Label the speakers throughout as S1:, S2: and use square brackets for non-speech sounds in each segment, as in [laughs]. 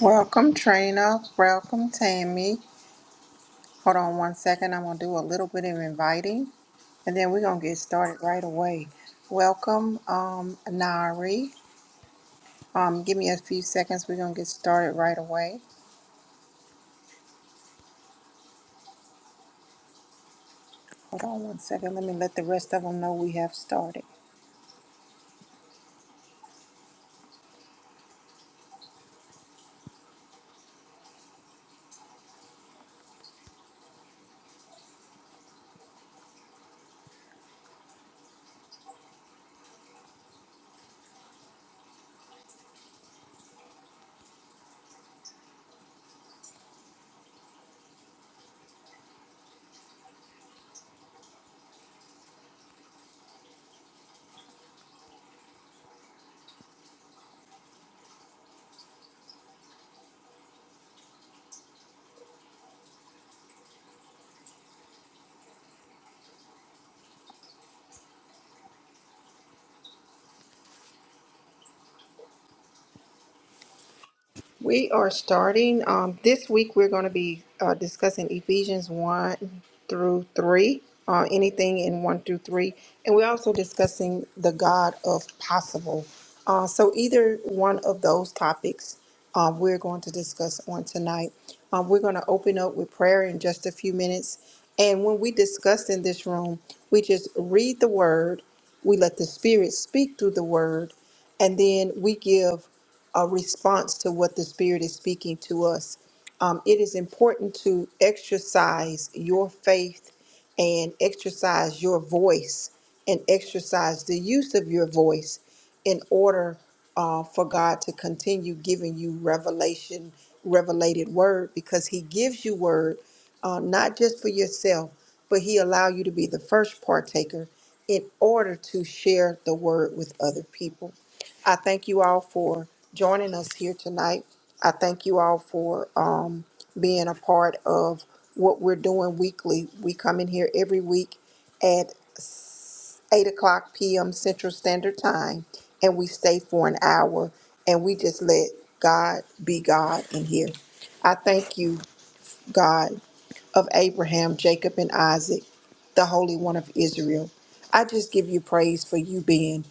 S1: Welcome, Trina. Welcome, Tammy. Hold on one second. I'm going to do a little bit of inviting and then we're going to get started right away. Welcome, um, Nari. Um, give me a few seconds. We're going to get started right away. Hold on one second. Let me let the rest of them know we have started. We are starting um, this week. We're going to be uh, discussing Ephesians 1 through 3, uh, anything in 1 through 3. And we're also discussing the God of possible. Uh, so, either one of those topics uh, we're going to discuss on tonight. Uh, we're going to open up with prayer in just a few minutes. And when we discuss in this room, we just read the word, we let the Spirit speak through the word, and then we give a response to what the Spirit is speaking to us. Um, it is important to exercise your faith and exercise your voice and exercise the use of your voice in order uh, for God to continue giving you revelation, revelated word, because He gives you word uh, not just for yourself, but He allow you to be the first partaker in order to share the word with other people. I thank you all for joining us here tonight. I thank you all for um, being a part of what we're doing weekly. We come in here every week at 8 o'clock p.m. Central Standard Time and we stay for an hour and we just let God be God in here. I thank you, God of Abraham, Jacob, and Isaac, the Holy One of Israel. I just give you praise for you being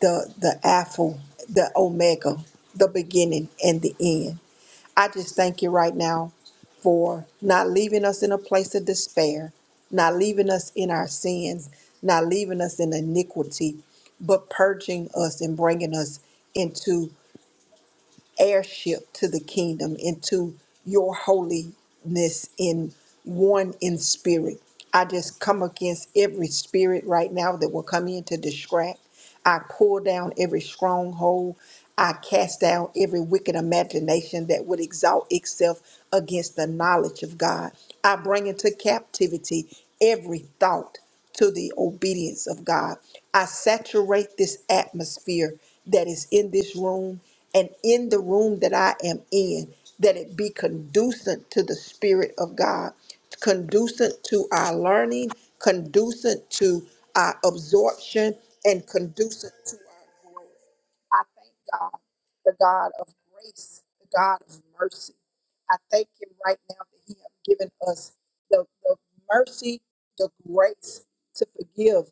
S1: the the Alpha, the Omega, the beginning and the end. I just thank you right now for not leaving us in a place of despair, not leaving us in our sins, not leaving us in iniquity, but purging us and bringing us into heirship to the kingdom, into your holiness in one in spirit. I just come against every spirit right now that will come in to distract. I pull down every stronghold. I cast down every wicked imagination that would exalt itself against the knowledge of God. I bring into captivity every thought to the obedience of God. I saturate this atmosphere that is in this room and in the room that I am in, that it be conducent to the Spirit of God, conducent to our learning, conducent to our absorption, and conducent to our growth. I thank God, the God of grace, the God of mercy. I thank Him right now that He has given us the, the mercy, the grace to forgive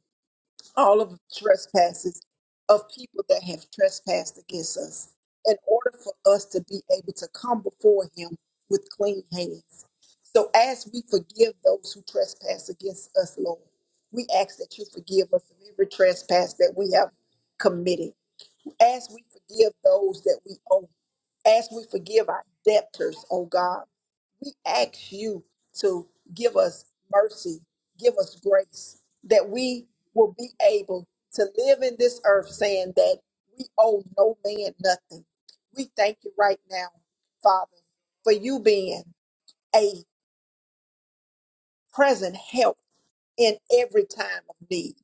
S1: all of the trespasses of people that have trespassed against us in order for us to be able to come before him with clean hands. So as we forgive those who trespass against us, Lord, we ask that you forgive us of every trespass that we have committed. As we forgive those that we owe, as we forgive our debtors, oh God, we ask you to give us mercy, give us grace, that we will be able to live in this earth saying that we owe no man nothing. We thank you right now, Father, for you being a present help in every time of need.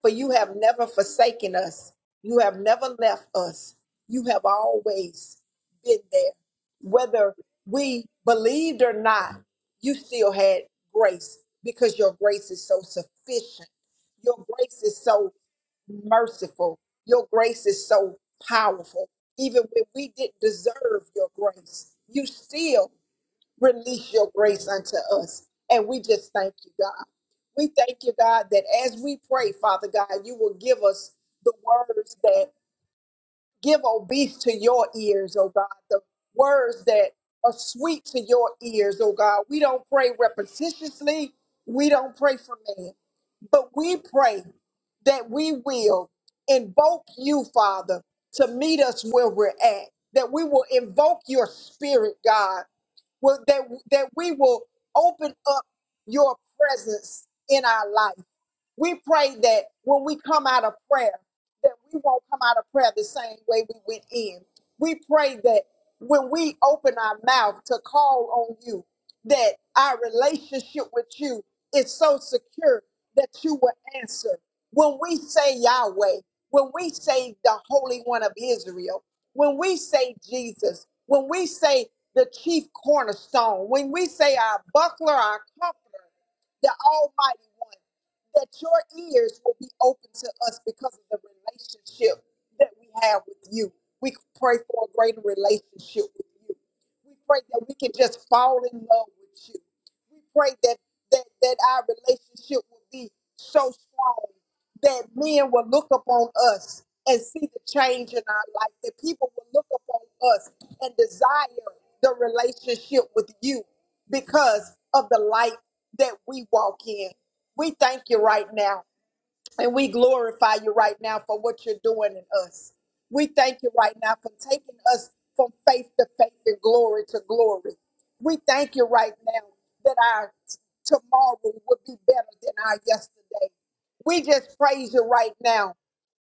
S1: For you have never forsaken us. You have never left us. You have always been there. Whether we believed or not, you still had grace because your grace is so sufficient. Your grace is so merciful. Your grace is so powerful. Even when we didn't deserve your grace, you still release your grace unto us. And we just thank you, God. We thank you, God, that as we pray, Father God, you will give us the words that give obese to your ears, oh God, the words that are sweet to your ears, oh God. We don't pray repetitiously, we don't pray for man, but we pray that we will invoke you, Father, to meet us where we're at, that we will invoke your spirit, God will that that we will open up your presence in our life we pray that when we come out of prayer, that we won't come out of prayer the same way we went in. We pray that when we open our mouth to call on you, that our relationship with you is so secure that you will answer. When we say Yahweh, when we say the Holy One of Israel, when we say Jesus, when we say the chief cornerstone, when we say our buckler, our comforter, the Almighty One, that your ears will be open to us because of the relationship that we have with you. We pray for a greater relationship with you. We pray that we can just fall in love with you. We pray that that, that our relationship will be so strong that men will look upon us and see the change in our life, that people will look upon us and desire the relationship with you because of the light that we walk in. We thank you right now and we glorify you right now for what you're doing in us. We thank you right now for taking us from faith to faith and glory to glory. We thank you right now that our t- tomorrow will be better than our yesterday. We just praise you right now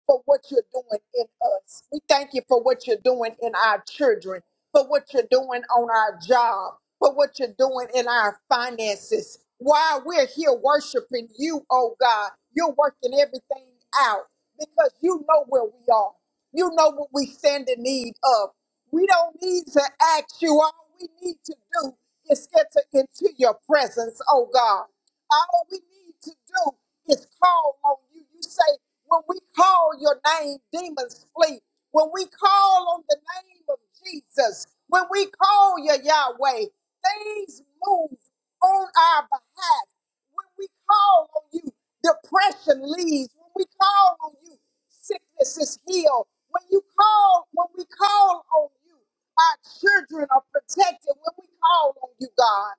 S1: for what you're doing in us. We thank you for what you're doing in our children for what you're doing on our job, for what you're doing in our finances. While we're here worshiping you, oh God, you're working everything out because you know where we are. You know what we stand in need of. We don't need to ask you. All we need to do is get to, into your presence, oh God. All we need to do is call on you. You say, when we call your name, demons flee. When we call on the name of Jesus, when we call you Yahweh, things move on our behalf. When we call on you, depression leaves. When we call on you, sickness is healed. When you call, when we call on you, our children are protected. When we call on you, God.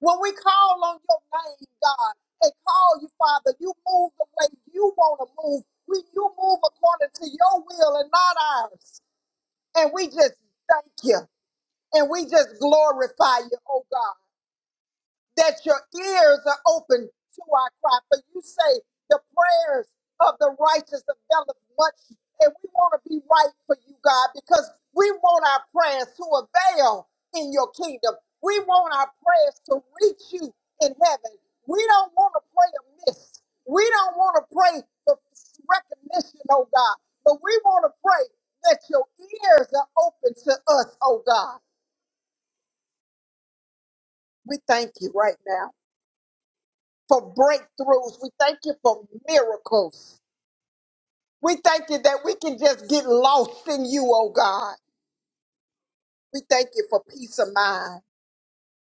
S1: When we call on your name, God, and call you, Father, you move the way you want to move. We, you move according to your will and not ours. And we just thank you. And we just glorify you, oh God that your ears are open to our cry. For you say the prayers of the righteous availeth much, and we want to be right for you, God, because we want our prayers to avail in your kingdom. We want our prayers to reach you in heaven. We don't want to pray amiss. We don't want to pray for recognition, oh God, but we want to pray that your ears are open to us, oh God. We thank you right now. for breakthroughs. We thank you for miracles. We thank you that we can just get lost in you, oh God. We thank you for peace of mind.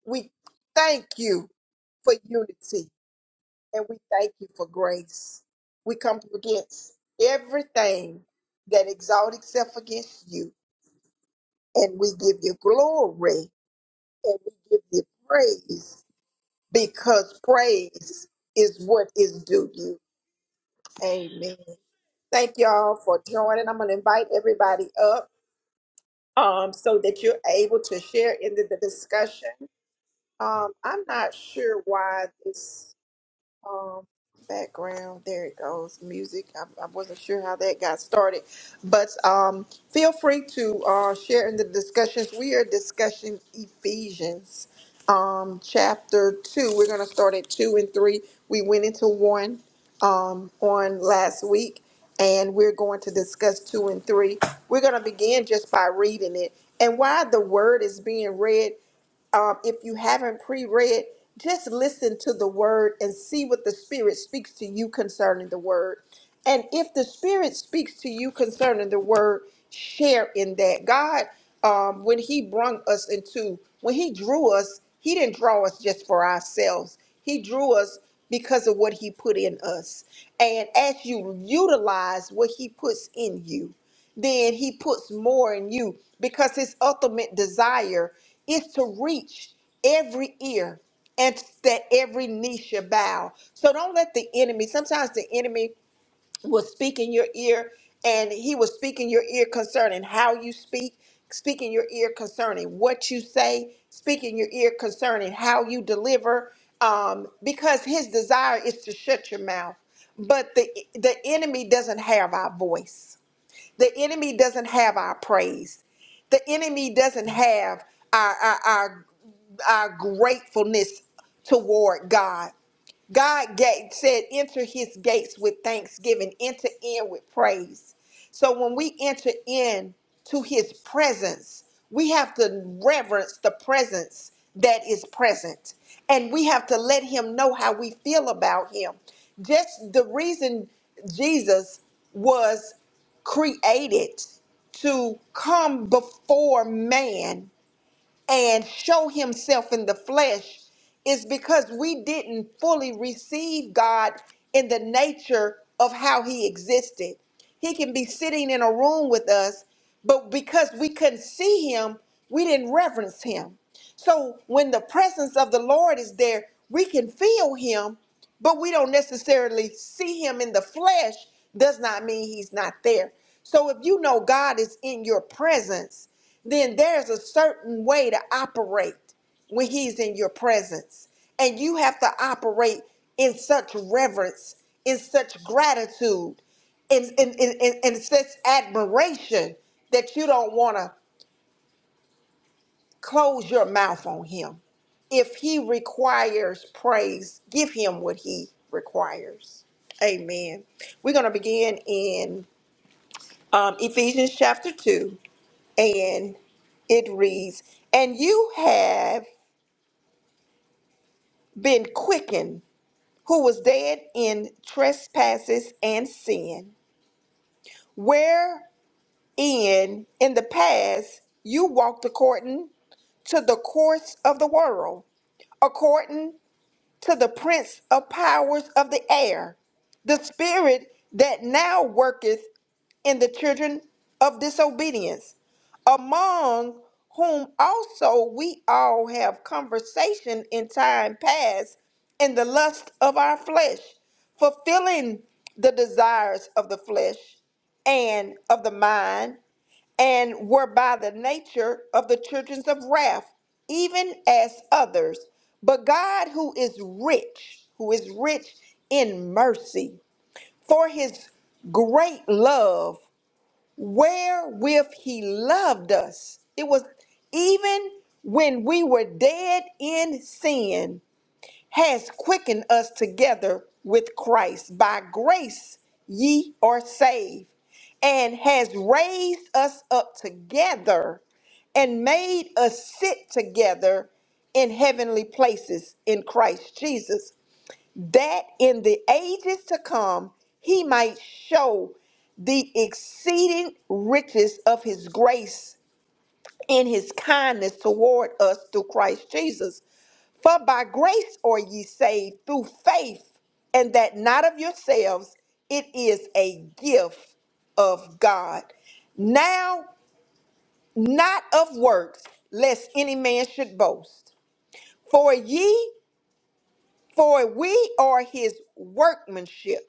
S1: We thank you for unity and we thank you for grace. We come against everything that exalts itself against you and we give you glory and we give you praise because praise is what is due you. Amen. Thank y'all for joining. I'm going to invite everybody up um, so that you're able to share in the, the discussion. Um, I'm not sure why this um, background. There it goes. Music. I, I wasn't sure how that got started, but um, feel free to uh, share in the discussions. We are discussing Ephesians um, chapter two. We're going to start at two and three. We went into one um, on last week, and we're going to discuss two and three. We're going to begin just by reading it. And while the word is being read, um, if you haven't pre-read just listen to the word and see what the spirit speaks to you concerning the word and if the spirit speaks to you concerning the word share in that god um, when he brung us into when he drew us he didn't draw us just for ourselves he drew us because of what he put in us and as you utilize what he puts in you then he puts more in you because his ultimate desire is to reach every ear and that every knee shall bow. So don't let the enemy, sometimes the enemy will speak in your ear and he will speak in your ear concerning how you speak, speak in your ear concerning what you say, speak in your ear concerning how you deliver, um, because his desire is to shut your mouth. But the the enemy doesn't have our voice the enemy doesn't have our praise. The enemy doesn't have our, our, our our gratefulness toward God. God gate said, enter his gates with thanksgiving, enter in with praise. So when we enter in to his presence, we have to reverence the presence that is present. And we have to let him know how we feel about him. Just the reason Jesus was created to come before man and show himself in the flesh is because we didn't fully receive God in the nature of how he existed. He can be sitting in a room with us, but because we couldn't see him, we didn't reverence him. So when the presence of the Lord is there, we can feel him, but we don't necessarily see him in the flesh, does not mean he's not there. So if you know God is in your presence, then there's a certain way to operate when he's in your presence. And you have to operate in such reverence, in such gratitude, in, in, in, in, in such admiration that you don't want to close your mouth on him. If he requires praise, give him what he requires. Amen. We're going to begin in um, Ephesians chapter 2 and it reads, And you have been quickened, who was dead in trespasses and sin, wherein in the past you walked according to the course of the world, according." to the prince of powers of the air, the spirit that now worketh in the children of disobedience, among whom also we all have conversation in time past in the lust of our flesh, fulfilling the desires of the flesh and of the mind, and were by the nature of the children of wrath, even as others. But God, who is rich, who is rich in mercy, for his great love, wherewith he loved us, it was even when we were dead in sin has quickened us together with Christ. By grace ye are saved, and has raised us up together and made us sit together in heavenly places in Christ Jesus, that in the ages to come he might show the exceeding riches of his grace in his kindness toward us through Christ Jesus. For by grace are ye saved through faith, and that not of yourselves, it is a gift of God. Now, not of works, lest any man should boast. For ye, for we are his workmanship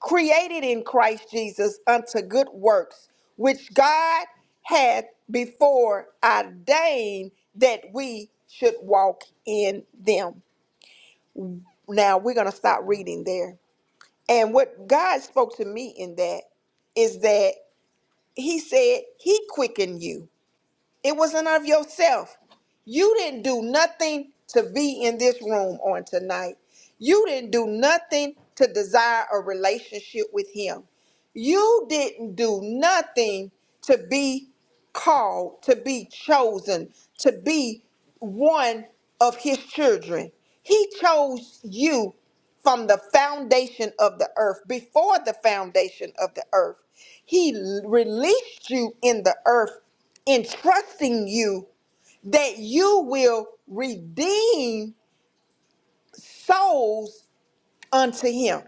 S1: created in Christ Jesus unto good works, which God hath before ordained that we should walk in them. Now we're going to stop reading there. And what God spoke to me in that is that He said, He quickened you. It wasn't of yourself. You didn't do nothing to be in this room on tonight. You didn't do nothing to desire a relationship with Him. You didn't do nothing to be called, to be chosen, to be one of his children. He chose you from the foundation of the earth, before the foundation of the earth. He released you in the earth, entrusting you that you will redeem souls unto him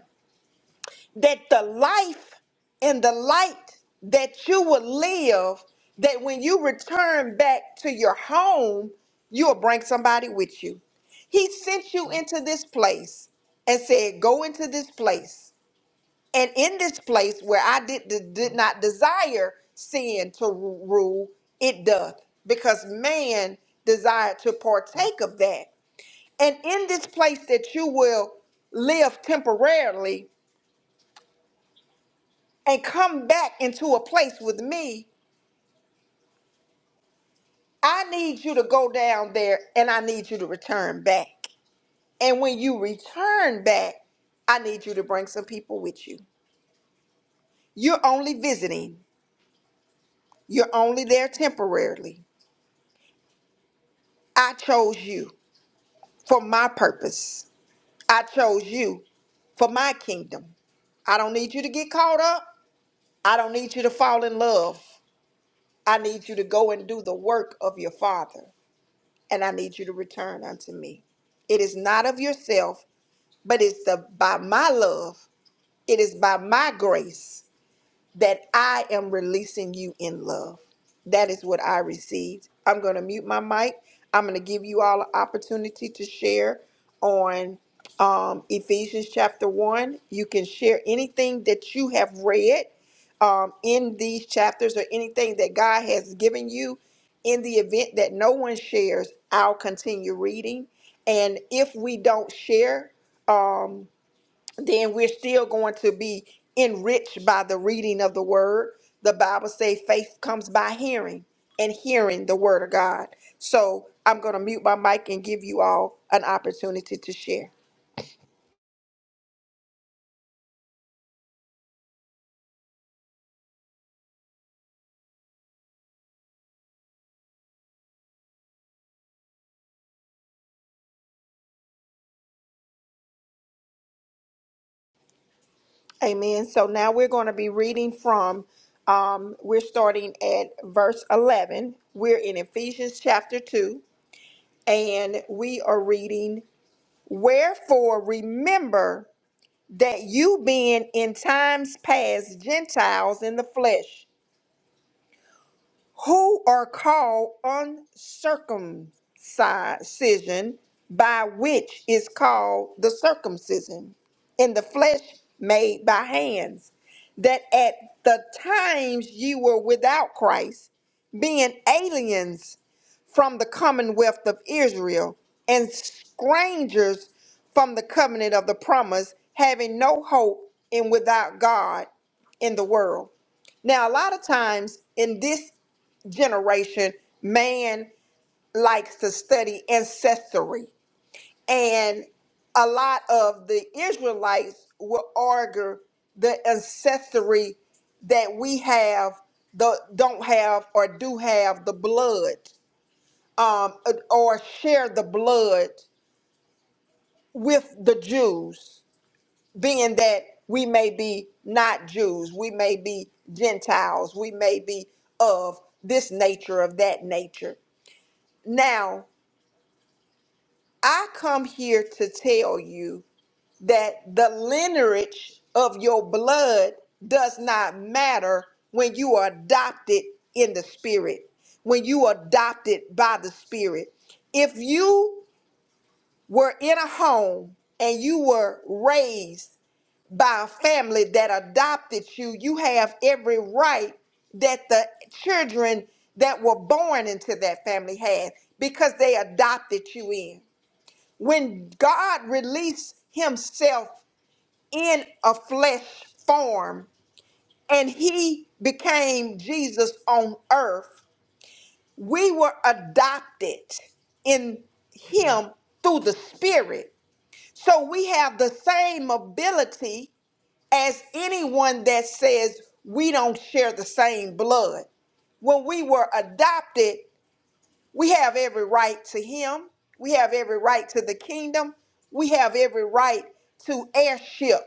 S1: that the life and the light that you will live, that when you return back to your home, you'll bring somebody with you. He sent you into this place and said, Go into this place. And in this place where I did, did did not desire sin to ru- rule, it doth, because man desired to partake of that. And in this place that you will live temporarily, and come back into a place with me, I need you to go down there and I need you to return back. And when you return back, I need you to bring some people with you. You're only visiting, you're only there temporarily. I chose you for my purpose, I chose you for my kingdom. I don't need you to get caught up, I don't need you to fall in love. I need you to go and do the work of your father. and I need you to return unto me. It is not of yourself, but it's the by my love. It is by my grace that I am releasing you in love. That is what I received. I'm going to mute my mic. I'm going to give you all an opportunity to share on um, Ephesians chapter 1. You can share anything that you have read um, in these chapters or anything that God has given you. In the event that no one shares, I'll continue reading. And if we don't share, um, then we're still going to be enriched by the reading of the word. The Bible says faith comes by hearing and hearing the word of God. So I'm going to mute my mic and give you all an opportunity to share. Amen. So now we're going to be reading from, um, we're starting at verse 11. We're in Ephesians chapter 2, and we are reading, Wherefore remember. that you being in times past Gentiles in the flesh, who are called uncircumcision, by which is called the circumcision in the flesh made by hands, that at the times you were without Christ, being aliens from the commonwealth of Israel, and strangers from the covenant of the promise, having no hope and without God in the world. Now, a lot of times in this generation, man likes to study ancestry, and a lot of the Israelites will argue the ancestry that we have, the don't have or do have the blood um, uh, or share the blood with the Jews, being that we may be not Jews, we may be Gentiles, we may be of this nature, of that nature. Now, I come here to tell you that the lineage of your blood does not matter when you are adopted in the spirit, when you are adopted by the spirit. If you were in a home and you were raised by a family that adopted you, you have every right that the children that were born into that family had because they adopted you in. When God released Himself in a flesh form and He became Jesus on earth, we were adopted in Him through the Spirit. So we have the same ability as anyone that says we don't share the same blood. When we were adopted, we have every right to Him, we have every right to the kingdom, we have every right to heirship,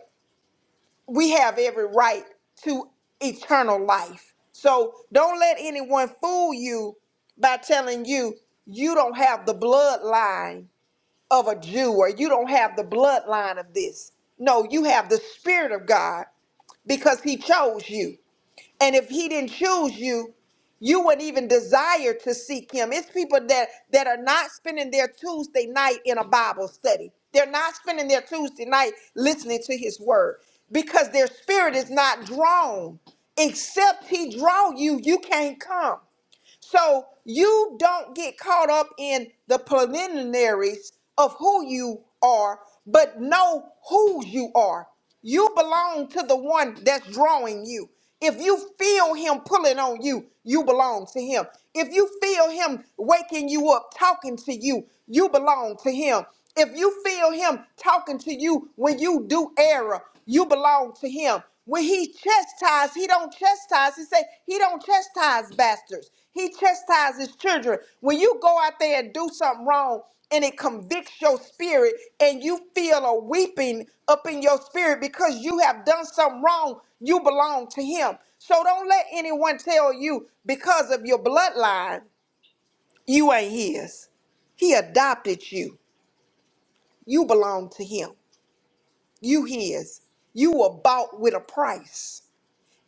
S1: we have every right to eternal life. So don't let anyone fool you by telling you you don't have the bloodline of a Jew or you don't have the bloodline of this. No, you have the Spirit of God because He chose you. And if He didn't choose you, you wouldn't even desire to seek Him. It's people that, that are not spending their Tuesday night in a Bible study, they're not spending their Tuesday night listening to His Word because their spirit is not drawn. Except He draw you, you can't come. So you don't get caught up in the preliminaries of who you are, but know who you are. You belong to the one that's drawing you. If you feel him pulling on you, you belong to him. If you feel him waking you up, talking to you, you belong to him. If you feel him talking to you when you do error, you belong to him. When he chastised, he don't chastise. He say he don't chastise bastards. He chastises children. When you go out there and do something wrong and it convicts your spirit and you feel a weeping up in your spirit because you have done something wrong, you belong to him. So don't let anyone tell you because of your bloodline, you ain't his. He adopted you. You belong to him. You his. You were bought with a price.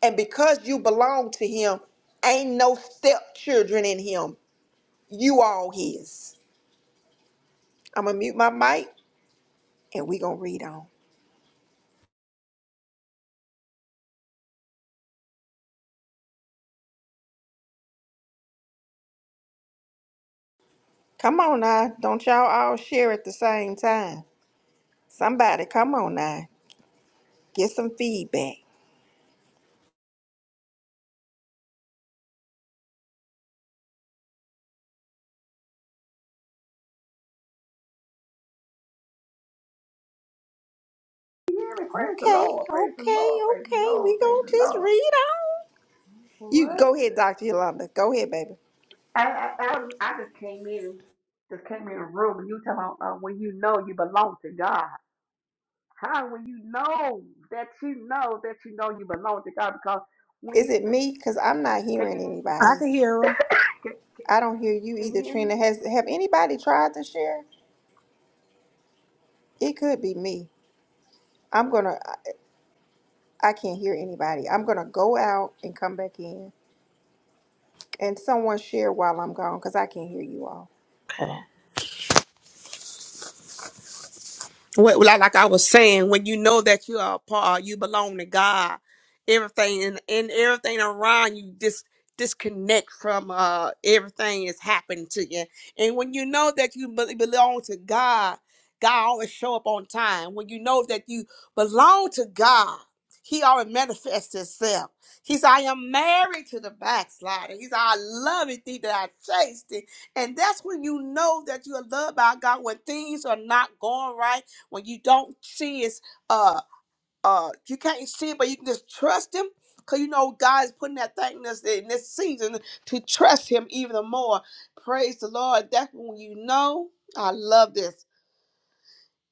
S1: And because you belong to him, ain't no stepchildren in him. You all his. I'm gonna mute my mic and we gonna read on. Come on now. Don't y'all all share at the same time. Somebody, come on now. Get some feedback.
S2: You hear me? Praise the
S1: Okay,
S2: Lord.
S1: okay,
S2: Praise the Lord. Praise the
S1: okay.
S2: Lord.
S1: We
S2: Praise the
S1: gonna just
S2: Lord.
S1: read on. You
S2: What?
S1: go ahead, Dr. Yolanda. Go ahead, baby.
S2: I I, I, was- I just came in, just came in the room, and you talking about uh, when you know you belong to God. How when you know that you know that you know you belong to God because when you
S1: Is it me? Because I'm not
S2: can
S1: hearing
S3: I
S1: anybody.
S3: can hear
S2: you,
S3: her.
S2: [coughs] [laughs] can,
S1: I don't hear you
S2: can you
S1: either,
S2: hear
S1: Trina.
S2: me?
S1: Has have anybody tried to share? It could be me. I'm gonna. I, I can't hear anybody. I'm gonna go out and come back in, and someone share while I'm gone because I can't hear you all. Hold on.
S2: Well, like like I was saying, when you know that you are a part, you belong to God. Everything and, and everything around you dis disconnect from uh everything that's happening to you. And when you know that you be- belong to God, God always show up on time. When you know that you belong to God, He already manifests Himself. He said, "I am married to the backslider." He said, "I love it thee that I chased it." And that's when you know that you are loved by God when things are not going right when you don't see it's uh uh you can't see it but you can just trust him because you know god is putting that thing in this, in this season to trust him even more praise the lord that's when you know i love this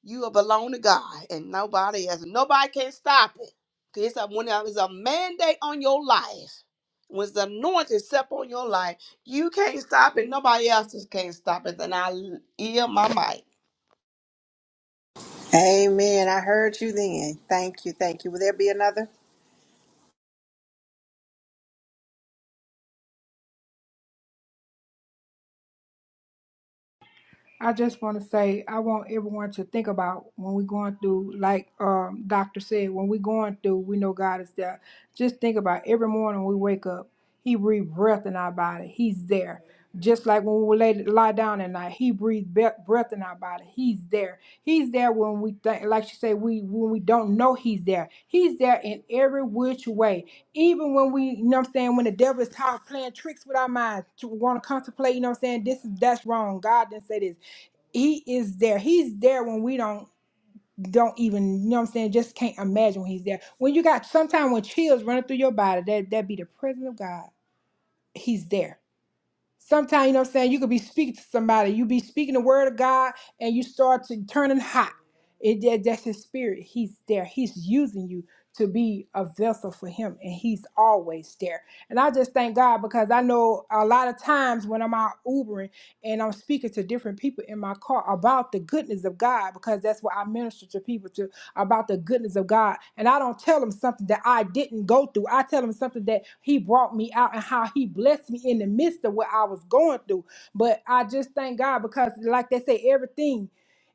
S2: you are belong to god and nobody else nobody can stop it 'Cause it's a, when it's a mandate on your life when it's anointed step on your life you can't stop it nobody else just can't stop it and i l- yield my
S1: Amen. I heard you then. Thank you. Thank you. Will there be another?
S3: I just want to say I want everyone to think about when we're going through, like um, Doctor said, when we're going through, we know God is there. Just think about every morning we wake up, He breathes breath in our body. He's there. Just like when we lay, lie down at night, He breathes be- breath in our body. He's there. He's there when we think, like she said, we when we don't know He's there. He's there in every which way. Even when we, you know what I'm saying, when the devil is talking, playing tricks with our minds, to want to contemplate, you know what I'm saying, this is that's wrong. God didn't say this he is there. He's there when we don't don't even, you know what I'm saying, just can't imagine when he's there. When you got sometime when chills running through your body, that that be the presence of God. He's there. Sometimes, you know what I'm saying, you could be speaking to somebody, you be speaking the word of God, and you start to turning hot. It that- that's his spirit. He's there. He's using you to be a vessel for him, and he's always there. And I just thank God because I know a lot of times when I'm out Ubering and I'm speaking to different people in my car about the goodness of God, because that's what I minister to people about the goodness of God. And I don't tell him something that I didn't go through. I tell him something that he brought me out and how he blessed me in the midst of what I was going through. But I just thank God because like they say, everything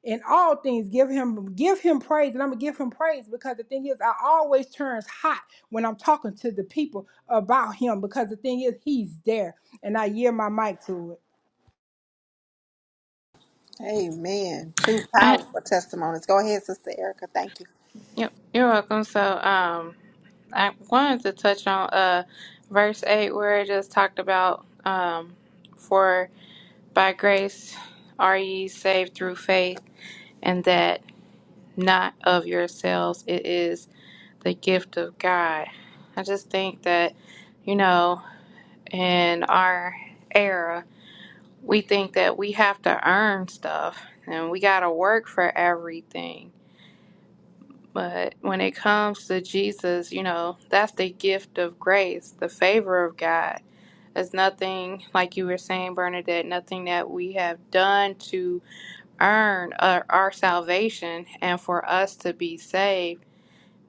S3: in all things give him give him praise and i'm gonna give him praise because the thing is i always turns hot when i'm talking to the people about him because the thing is he's there and i yield my mic to it
S1: Amen. Two
S4: I
S1: powerful testimonies. Go ahead, Sister Erica. Thank you.
S4: you- you're welcome. So, um, I wanted to touch on uh verse eight where it just talked about um for by grace are ye saved through faith, and that not of yourselves it is the gift of God. I just think that you know in our era we think that we have to earn stuff and we got to work for everything But when it comes to Jesus, you know, that's the gift of grace, the favor of God. It's nothing, like you were saying, Bernadette, nothing that we have done to earn our, our salvation and for us to be saved.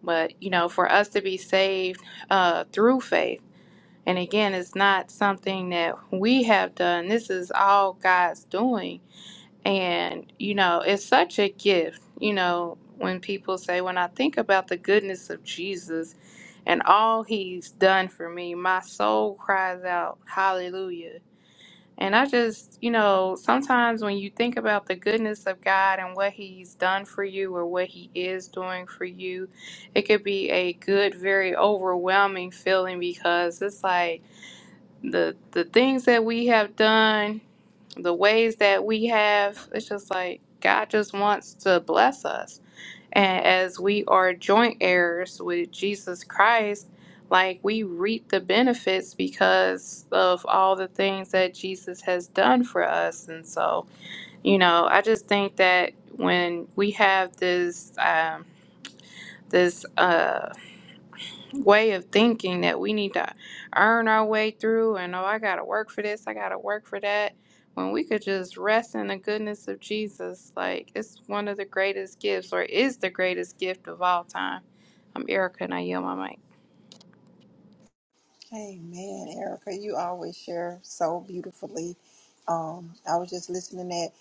S4: But, you know, for us to be saved uh, through faith. And again, it's not something that we have done. This is all God's doing and, you know, it's such a gift, you know, when people say, when I think about the goodness of Jesus and all he's done for me, my soul cries out, hallelujah. And I just, you know, sometimes when you think about the goodness of God and what he's done for you or what he is doing for you, it could be a good, very overwhelming feeling because it's like, the the things that we have done, the ways that we have, it's just like God just wants to bless us. And as we are joint heirs with Jesus Christ, like we reap the benefits because of all the things that Jesus has done for us. And so, you know, I just think that when we have this um this Uh, way of thinking that we need to earn our way through and oh I gotta work for this, I gotta work for that. When we could just rest in the goodness of Jesus, like it's one of the greatest gifts or is the greatest gift of all time. I'm Erica and I yield my mic.
S1: Amen, Erica. You always share so beautifully. Um, I was just listening at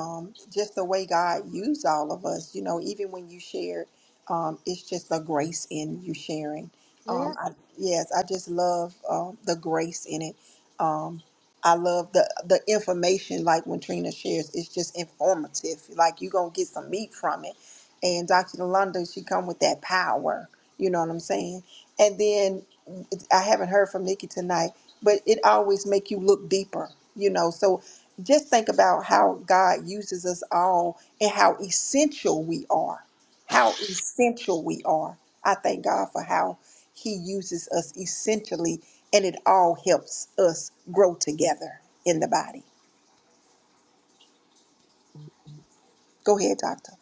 S1: um, just the way God used all of us. You know, even when you shared, um, it's just the grace in you sharing.
S2: mic
S1: Um, I, yes, I just love um, the grace in it. Um, I love the the information. Like when Trina shares, it's just informative. Like you gonna get some meat from it and Dr. Delonda, she come with that power. You know what I'm saying? And then it- I haven't heard from Nikki tonight, but it always make you look deeper. You know, so just think about how God uses us all and how essential we are. How essential we are. I thank God for how He uses us essentially, and it all helps us grow together in the body. Go ahead, Doctor.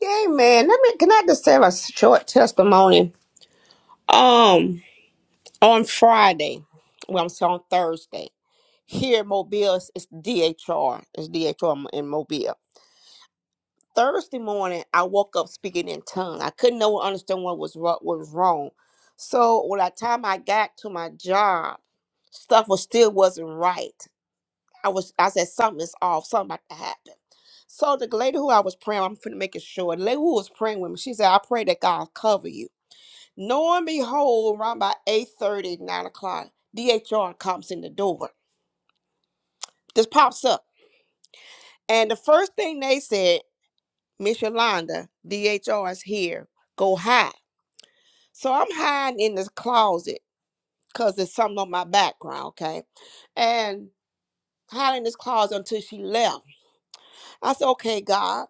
S2: Yay, man. Let me can I just have a short testimony? Um, on Friday, well, I'm sorry, on Thursday, here in Mobile, it's it's DHR. It's DHR in Mobile. Thursday morning, I woke up speaking in tongue. I couldn't know understand what was what was wrong. So by the time I got to my job, stuff was still wasn't right. I was I said something is off, something about to happen. So the lady who I was praying, I'm finna make it sure. The lady who was praying with me, she said, I pray that God cover you. Lo and behold, around by eight thirty, nine o'clock, DHR comes in the door. This pops up. And the first thing they said, Miss Yolanda, DHR is here. Go hide. So I'm hiding in this closet because there's something on my background, okay? And hiding in this closet until she left. I said, okay, God.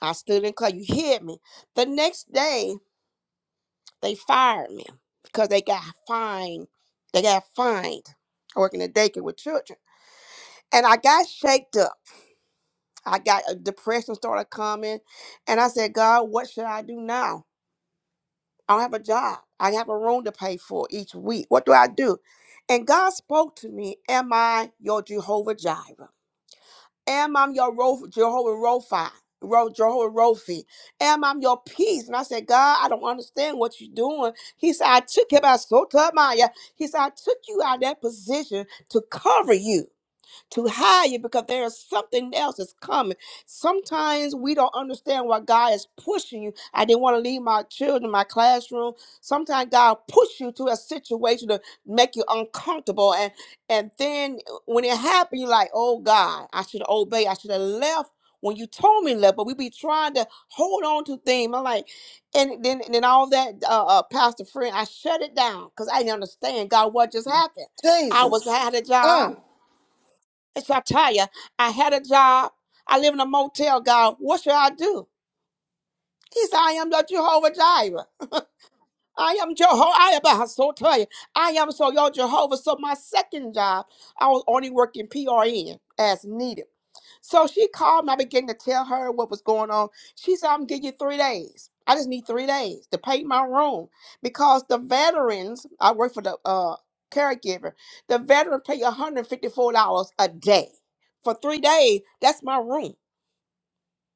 S2: I stood in because you hear me. The next day, they fired me because they got fined. They got fined. I work in a daycare with children. and I got shaked up. I got a depression started coming, and I said, God, what should I do now? I don't have a job. I have a room to pay for each week. What do I do? And God spoke to me, Am I your Jehovah Jireh? Am I your Ro- Jehovah Rophi? Ro- Jehovah Rophi? Am I your peace? And I said, God, I don't understand what you're doing. He said, I took him out so He said, I took you out of that position to cover you to higher because there is something else that's coming. Sometimes we don't understand why God is pushing you. I didn't want to leave my children, my classroom. Sometimes God push you to a situation to make you uncomfortable. And and then uh, when it happened, you're like, oh God, I should have obeyed. I should have left when you told me to left. But we be trying to hold on to things. I'm like, and then and then all that uh, uh pastor friend, I shut it down because I didn't understand God what just happened. I
S1: Jesus.
S2: was I had a job.
S1: Uh.
S2: Shataya, I tell you. I had a job. I live in a motel, God. What should I do? He said, I am the Jehovah Jireh. I am Jehovah. I am so tell you. I am so your Jehovah. So my second job, I was only working PRN as needed. So she called me. I began to tell her what was going on. She said, I'm giving you three days. I just need three days to pay my room because the veterans, I work for the uh, caregiver, the veteran pay $154 a day. For three days, that's my room.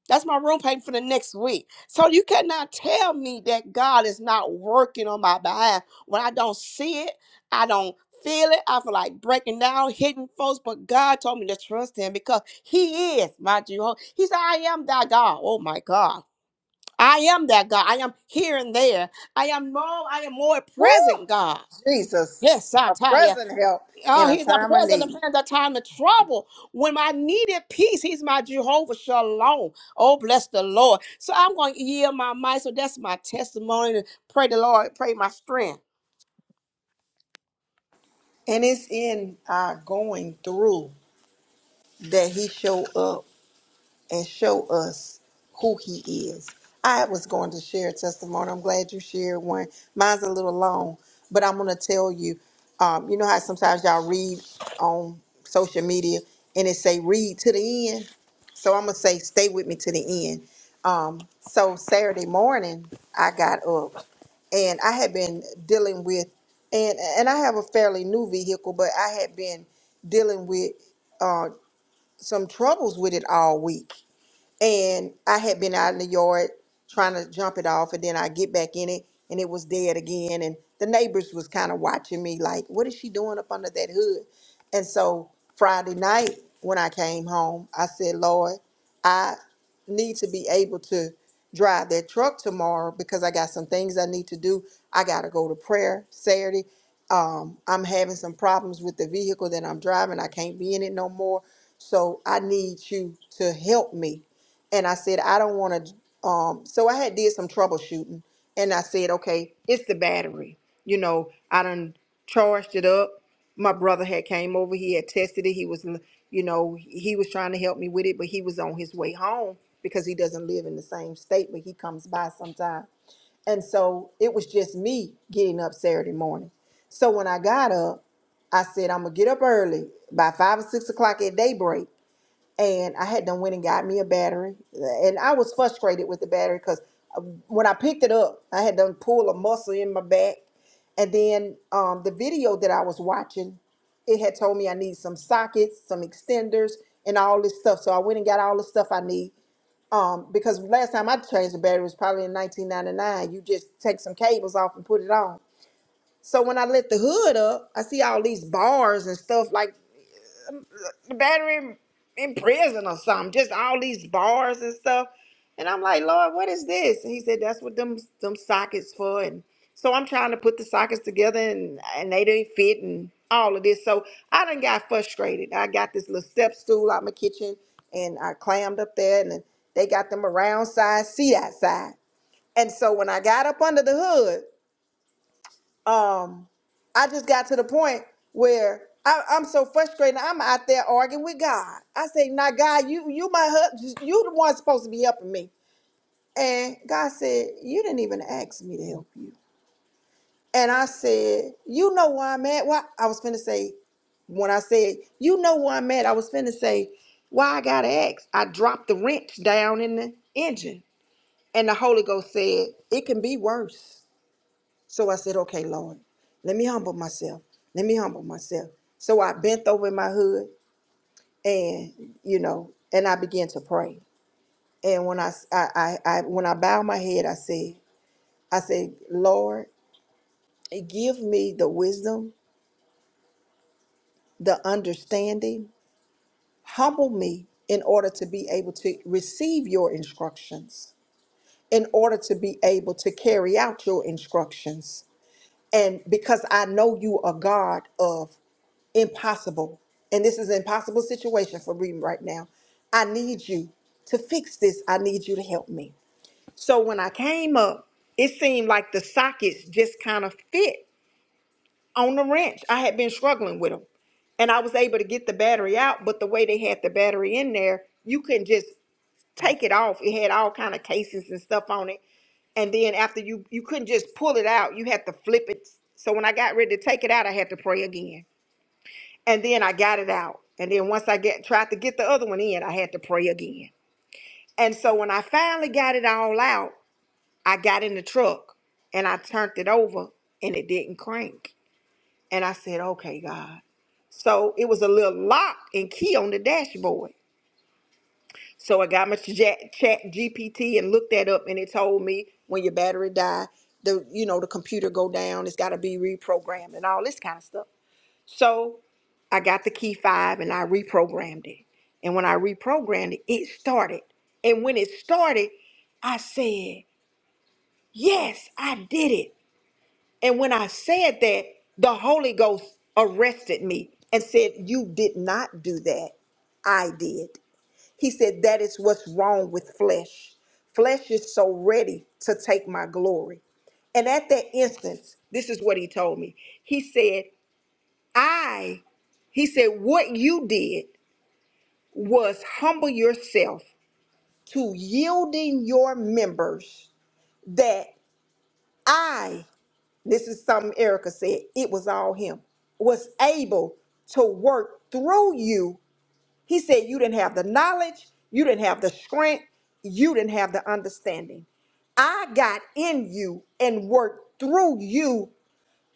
S2: That's my room payment for the next week. So you cannot tell me that God is not working on my behalf when I don't see it. I don't feel it. I feel like breaking down, hitting folks. But God told me to trust Him because He is my Jehovah. He said, "I am thy God." Oh my God, I am that God. I am here and there. I am more. I am more
S1: Woo!
S2: present God.
S1: Jesus,
S2: Yes,
S1: a
S2: Satya.
S1: present help in
S2: Oh,
S1: a
S2: he's a
S1: time of
S2: present of
S1: need.
S2: in the time of trouble. When I needed peace, he's my Jehovah Shalom. Oh, bless the Lord. So I'm going to yield my mic. So that's my testimony. Pray the Lord, pray my strength.
S1: And it's in our going through that he showed up. and show us who he is. I was going to share a testimony. I'm glad you shared one. Mine's a little long, but I'm going to tell you. Um, you know how sometimes y'all read on social media and it say read to the end. So I'm gonna say stay with me to the end. Um, so Saturday morning I got up and I had been dealing with and and I have a fairly new vehicle, but I had been dealing with uh, some troubles with it all week and I had been out in the yard trying to jump it off, and then I get back in it, and it was dead again. And the neighbors was kind of watching me, like, "What is she doing up under that hood?" And so Friday night, when I came home, I said, "Lord, I need to be able to drive that truck tomorrow because I got some things I need to do. I got to go to prayer Saturday. Um, I'm having some problems with the vehicle that I'm driving. I can't be in it no more. So I need you to help me and I said, I don't want to. Um, so I had did some troubleshooting, and I said, okay, it's the battery. You know, I done charged it up. My brother had came over. He had tested it. He was, you know, he was trying to help me with it, but he was on his way home because he doesn't live in the same state, but he comes by sometime. And so it was just me getting up Saturday morning. So when I got up, I said, I'm gonna get up early by five or six o'clock at daybreak and I had done went and got me a battery, and I was frustrated with the battery because when I picked it up, I had done pull a muscle in my back, and then um, the video that I was watching, it had told me I need some sockets, some extenders, and all this stuff. So I went and got all the stuff I need. Um, because last time I changed the battery was probably in 1999. You just take some cables off and put it on. So when I let the hood up, I see all these bars and stuff like battery in, in prison or something. Just all these bars and stuff. And I'm like, Lord, what is this? And he said, That's what them them sockets for. And so I'm trying to put the sockets together and, and they didn't fit and all of this. So I done got frustrated. I got this little step stool out my kitchen and I clammed up there and then they got them a round size seat outside. And so when I got up under the hood, um I just got to the point where I, I'm so frustrated. I'm out there arguing with God. I say, "Now, God, you you my husband. You the one supposed to be helping me." And God said, "You didn't even ask me to help you." And I said, "You know why I'm at? Why I was finna say when I said, you know why I'm at, I was finna say, why I gotta ask. I dropped the wrench down in the engine. And the Holy Ghost said, it can be worse. So I said, okay, Lord, let me humble myself. Let me humble myself. So I bent over in my hood and, you know, and I began to pray. And when I, I, I, I when I bowed my head, I said, I said, Lord, give me the wisdom, the understanding, humble me in order to be able to receive your instructions, in order to be able to carry out your instructions. And because I know you are God of impossible. And this is an impossible situation for me right now. I need you to fix this. I need you to help me. So when I came up, it seemed like the sockets just kind of fit on the wrench. I had been struggling with them. And I was able to get the battery out, but the way they had the battery in there, you couldn't just take it off. It had all kind of cases and stuff on it. And then after you you couldn't just pull it out, you had to flip it. So when I got ready to take it out, I had to pray again and then I got it out. And then once I get tried to get the other one in, I had to pray again. And so when I finally got it all out, I got in the truck and I turned it over and it didn't crank. And I said, "Okay, God." So it was a little lock and key on the dashboard. So I got my chat, chat GPT and looked that up, and it told me when your battery died, the you know the computer go down, it's got to be reprogrammed and all this kind of stuff. So I got the key five and I reprogrammed it. And when I reprogrammed it, it started. And when it started, I said, Yes, I did it. And when I said that, the Holy Ghost arrested me and said, You did not do that. I did. He said, That is what's wrong with flesh. Flesh is so ready to take my glory. And at that instance, this is what he told me. He said, I, he said, what you did was humble yourself to yielding your members that I, this is something Erica said, it was all him, was able to work through you. He said, you didn't have the knowledge, you didn't have the strength, you didn't have the understanding. I got in you and worked through you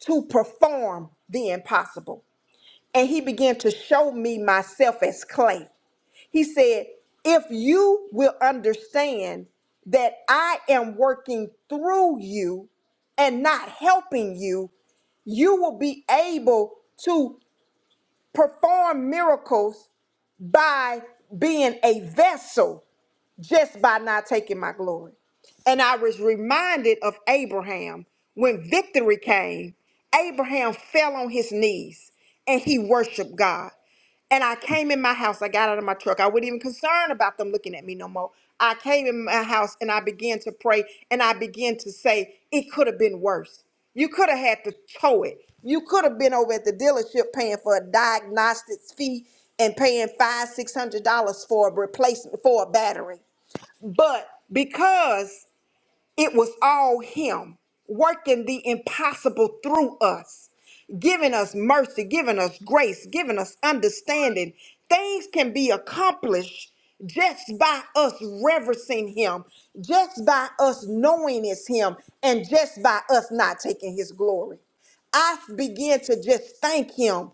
S1: to perform the impossible. and he began to show me myself as clay. He said, If you will understand that I am working through you and not helping you, you will be able to perform miracles by being a vessel just by not taking my glory. And I was reminded of Abraham. When victory came, Abraham fell on his knees and he worshiped God. And I came in my house. I got out of my truck. I wasn't even concerned about them looking at me no more. I came in my house and I began to pray and I began to say, it could have been worse. You could have had to tow it. You could have been over at the dealership paying for a diagnostics fee and paying five, six hundred dollars for a replacement for a battery. But because it was all Him working the impossible through us, giving us mercy, giving us grace, giving us understanding, things can be accomplished just by us reverencing Him, just by us knowing it's Him, and just by us not taking His glory. I begin to just thank Him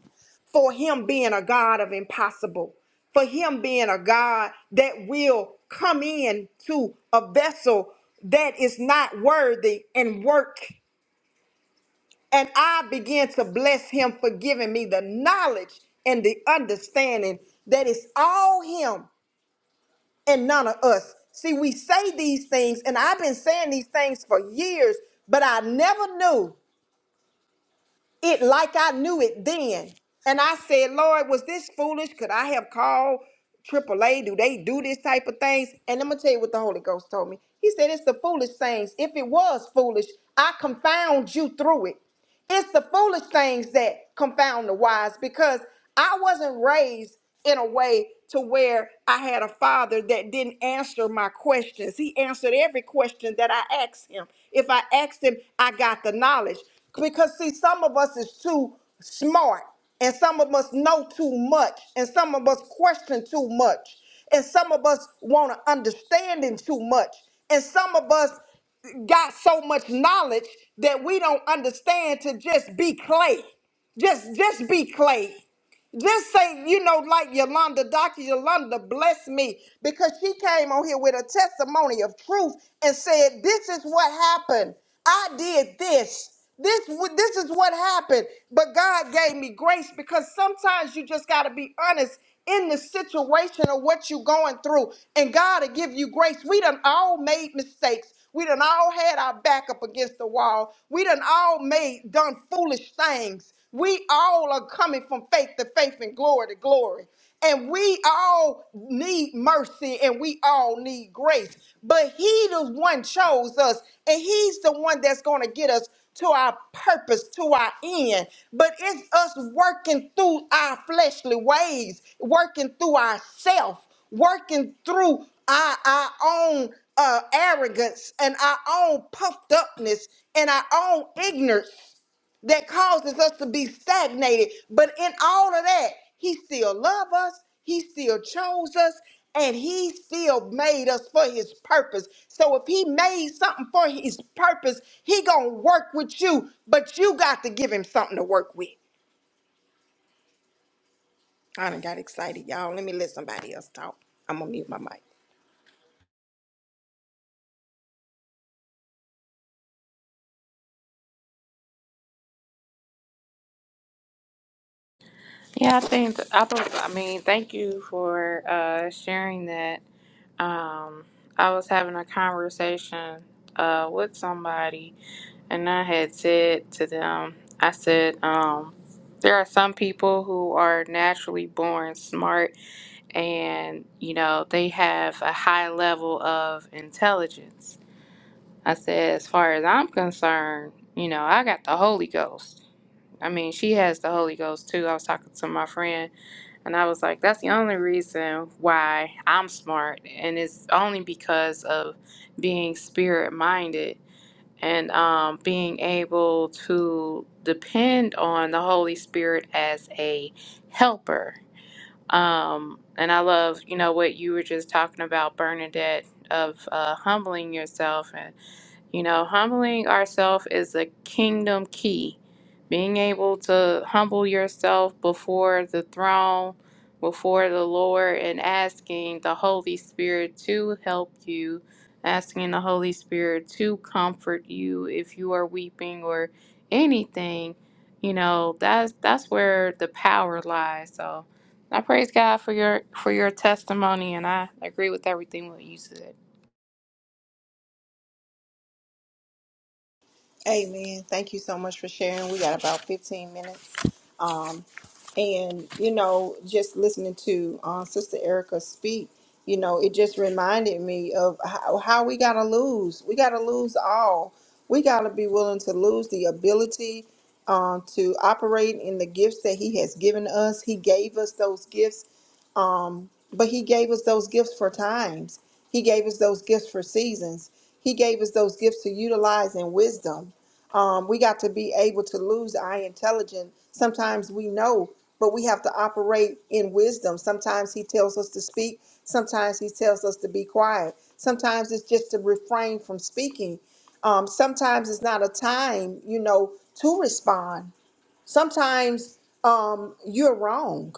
S1: for him being a God of impossible, for him being a God that will come in to a vessel that is not worthy and work. And I began to bless him for giving me the knowledge and the understanding that it's all him and none of us. See, we say these things, and I've been saying these things for years, but I never knew. it like I knew it then. And I said, Lord, was this foolish? Could I have called AAA? Do they do this type of things? And I'm going to tell you what the Holy Ghost told me. He said, It's the foolish things. If it was foolish, I confound you through it. It's the foolish things that confound the wise because I wasn't raised in a way to where I had a father that didn't answer my questions. He answered every question that I asked him. If I asked him, I got the knowledge. Because see, some of us is too smart, and some of us know too much, and some of us question too much, and some of us want to understand him too much, and some of us got so much knowledge that we don't understand to just be clay. Just just be clay. Just say, you know, like Yolanda, Dr. Yolanda blessed me because she came on here with a testimony of truth and said, This is what happened. I did this. This, wa- this is what happened. But God gave me grace because sometimes you just got to be honest in the situation of what you're going through. And God will give you grace. We done all made mistakes. We done all had our back up against the wall. We done all made done foolish things. We all are coming from faith to faith and glory to glory. And we all need mercy and we all need grace. But he the one chose us and he's the one that's going to get us to our purpose, to our end. But it's us working through our fleshly ways, working through ourself, working through our, our own uh, arrogance and our own puffed upness and our own ignorance that causes us to be stagnated. But in all of that, he still loved us, he still chose us, and he still made us for his purpose. So if he made something for his purpose, he gonna work with you, but you got to give him something to work with. I done got excited, y'all. Let me let somebody else talk. I'm gonna mute my mic.
S4: Yeah, I think th- I bel- I mean, thank you for uh sharing that. Um I was having a conversation uh with somebody And I had said to them, I said, um, there are some people who are naturally born smart and, you know, they have a high level of intelligence. I said, as far as I'm concerned, you know, I got the Holy Ghost. I mean, she has the Holy Ghost too. I was talking to my friend and I was like, that's the only reason why I'm smart. And it's only because of being spirit minded and um, being able to depend on the Holy Spirit as a helper. Um, and I love, you know, what you were just talking about, Bernadette, of uh, humbling yourself. You know, humbling ourselves is a kingdom key. Being able to humble yourself before the throne, before the Lord, and asking the Holy Spirit to help you, asking the Holy Spirit to comfort you if you are weeping or anything, you know, that's that's where the power lies. So I praise God for your for your testimony and I agree with everything what you said.
S1: Amen. Thank you so much for sharing. We got about 15 minutes. Um, and, you know, just listening to uh, Sister Erica speak, you know, it just reminded me of how, how we got to lose. We got to lose all. We got to be willing to lose the ability um, to operate in the gifts that He has given us. He gave us those gifts um, but he gave us those gifts for times. He gave us those gifts for seasons. He gave us those gifts to utilize in wisdom. Um, we got to be able to lose our intelligence. Sometimes we know, but we have to operate in wisdom. Sometimes he tells us to speak. Sometimes he tells us to be quiet. Sometimes it's just to refrain from speaking. Um, sometimes it's not a time, you know, to respond. Sometimes um, you're wrong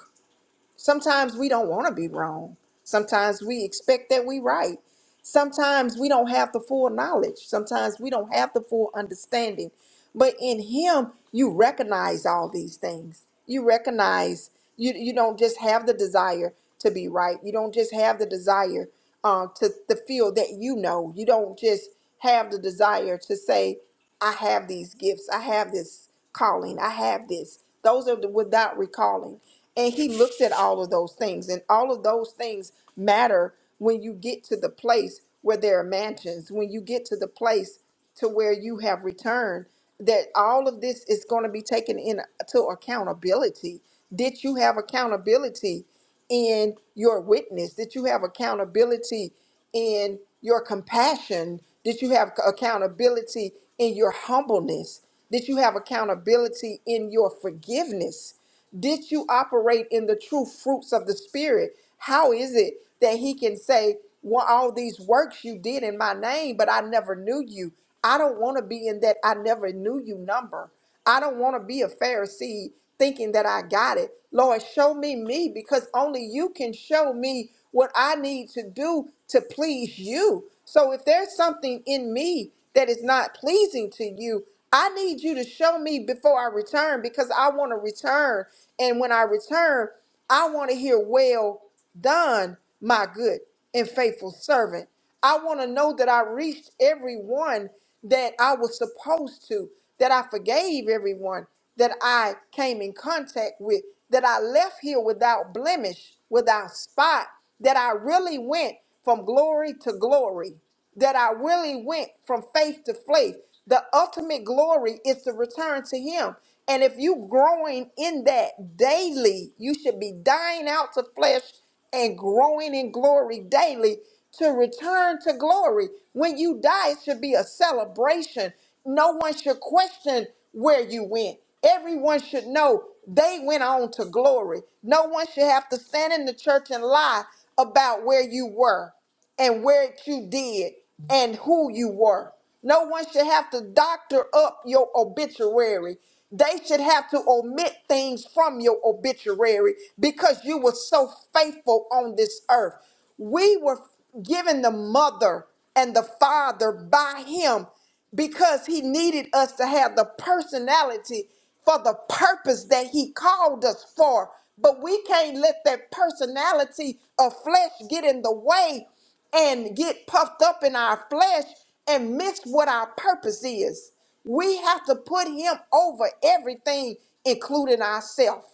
S1: Sometimes we don't want to be wrong. Sometimes we expect that we right. Sometimes we don't have the full knowledge. Sometimes we don't have the full understanding. But in him you recognize all these things. You recognize you you don't just have the desire to be right. You don't just have the desire uh, to to feel that you know. You don't just have the desire to say I have these gifts. I have this calling. I have this. Those are the without recalling. And he looks at all of those things. And all of those things matter when you get to the place where there are mansions, when you get to the place to where you have returned, that all of this is going to be taken into accountability. Did you have accountability? in your witness, that you have accountability in your compassion, that you have accountability in your humbleness, that you have accountability in your forgiveness. Did you operate in the true fruits of the Spirit? How is it that he can say, well, all these works you did in my name, but I never knew you? I don't want to be in that I never knew you number. I don't want to be a Pharisee thinking that I got it. Lord, show me me because only you can show me what I need to do to please you. So if there's something in me that is not pleasing to you, I need you to show me before I return because I want to return. And when I return, I want to hear, well done, my good and faithful servant. I want to know that I reached everyone that I was supposed to, that I forgave everyone that I came in contact with, that I left here without blemish, without spot, that I really went from glory to glory, that I really went from faith to faith. The ultimate glory is to return to Him. And if you growing in that daily, you should be dying out to flesh and growing in glory daily to return to glory. When you die, it should be a celebration. No one should question where you went. Everyone should know they went on to glory. No one should have to stand in the church and lie about where you were and where you did and who you were. No one should have to doctor up your obituary. They should have to omit things from your obituary because you were so faithful on this earth. We were given the mother and the father by him because he needed us to have the personality for the purpose that he called us for. But we can't let that personality of flesh get in the way and get puffed up in our flesh and miss what our purpose is. We have to put him over everything, including ourselves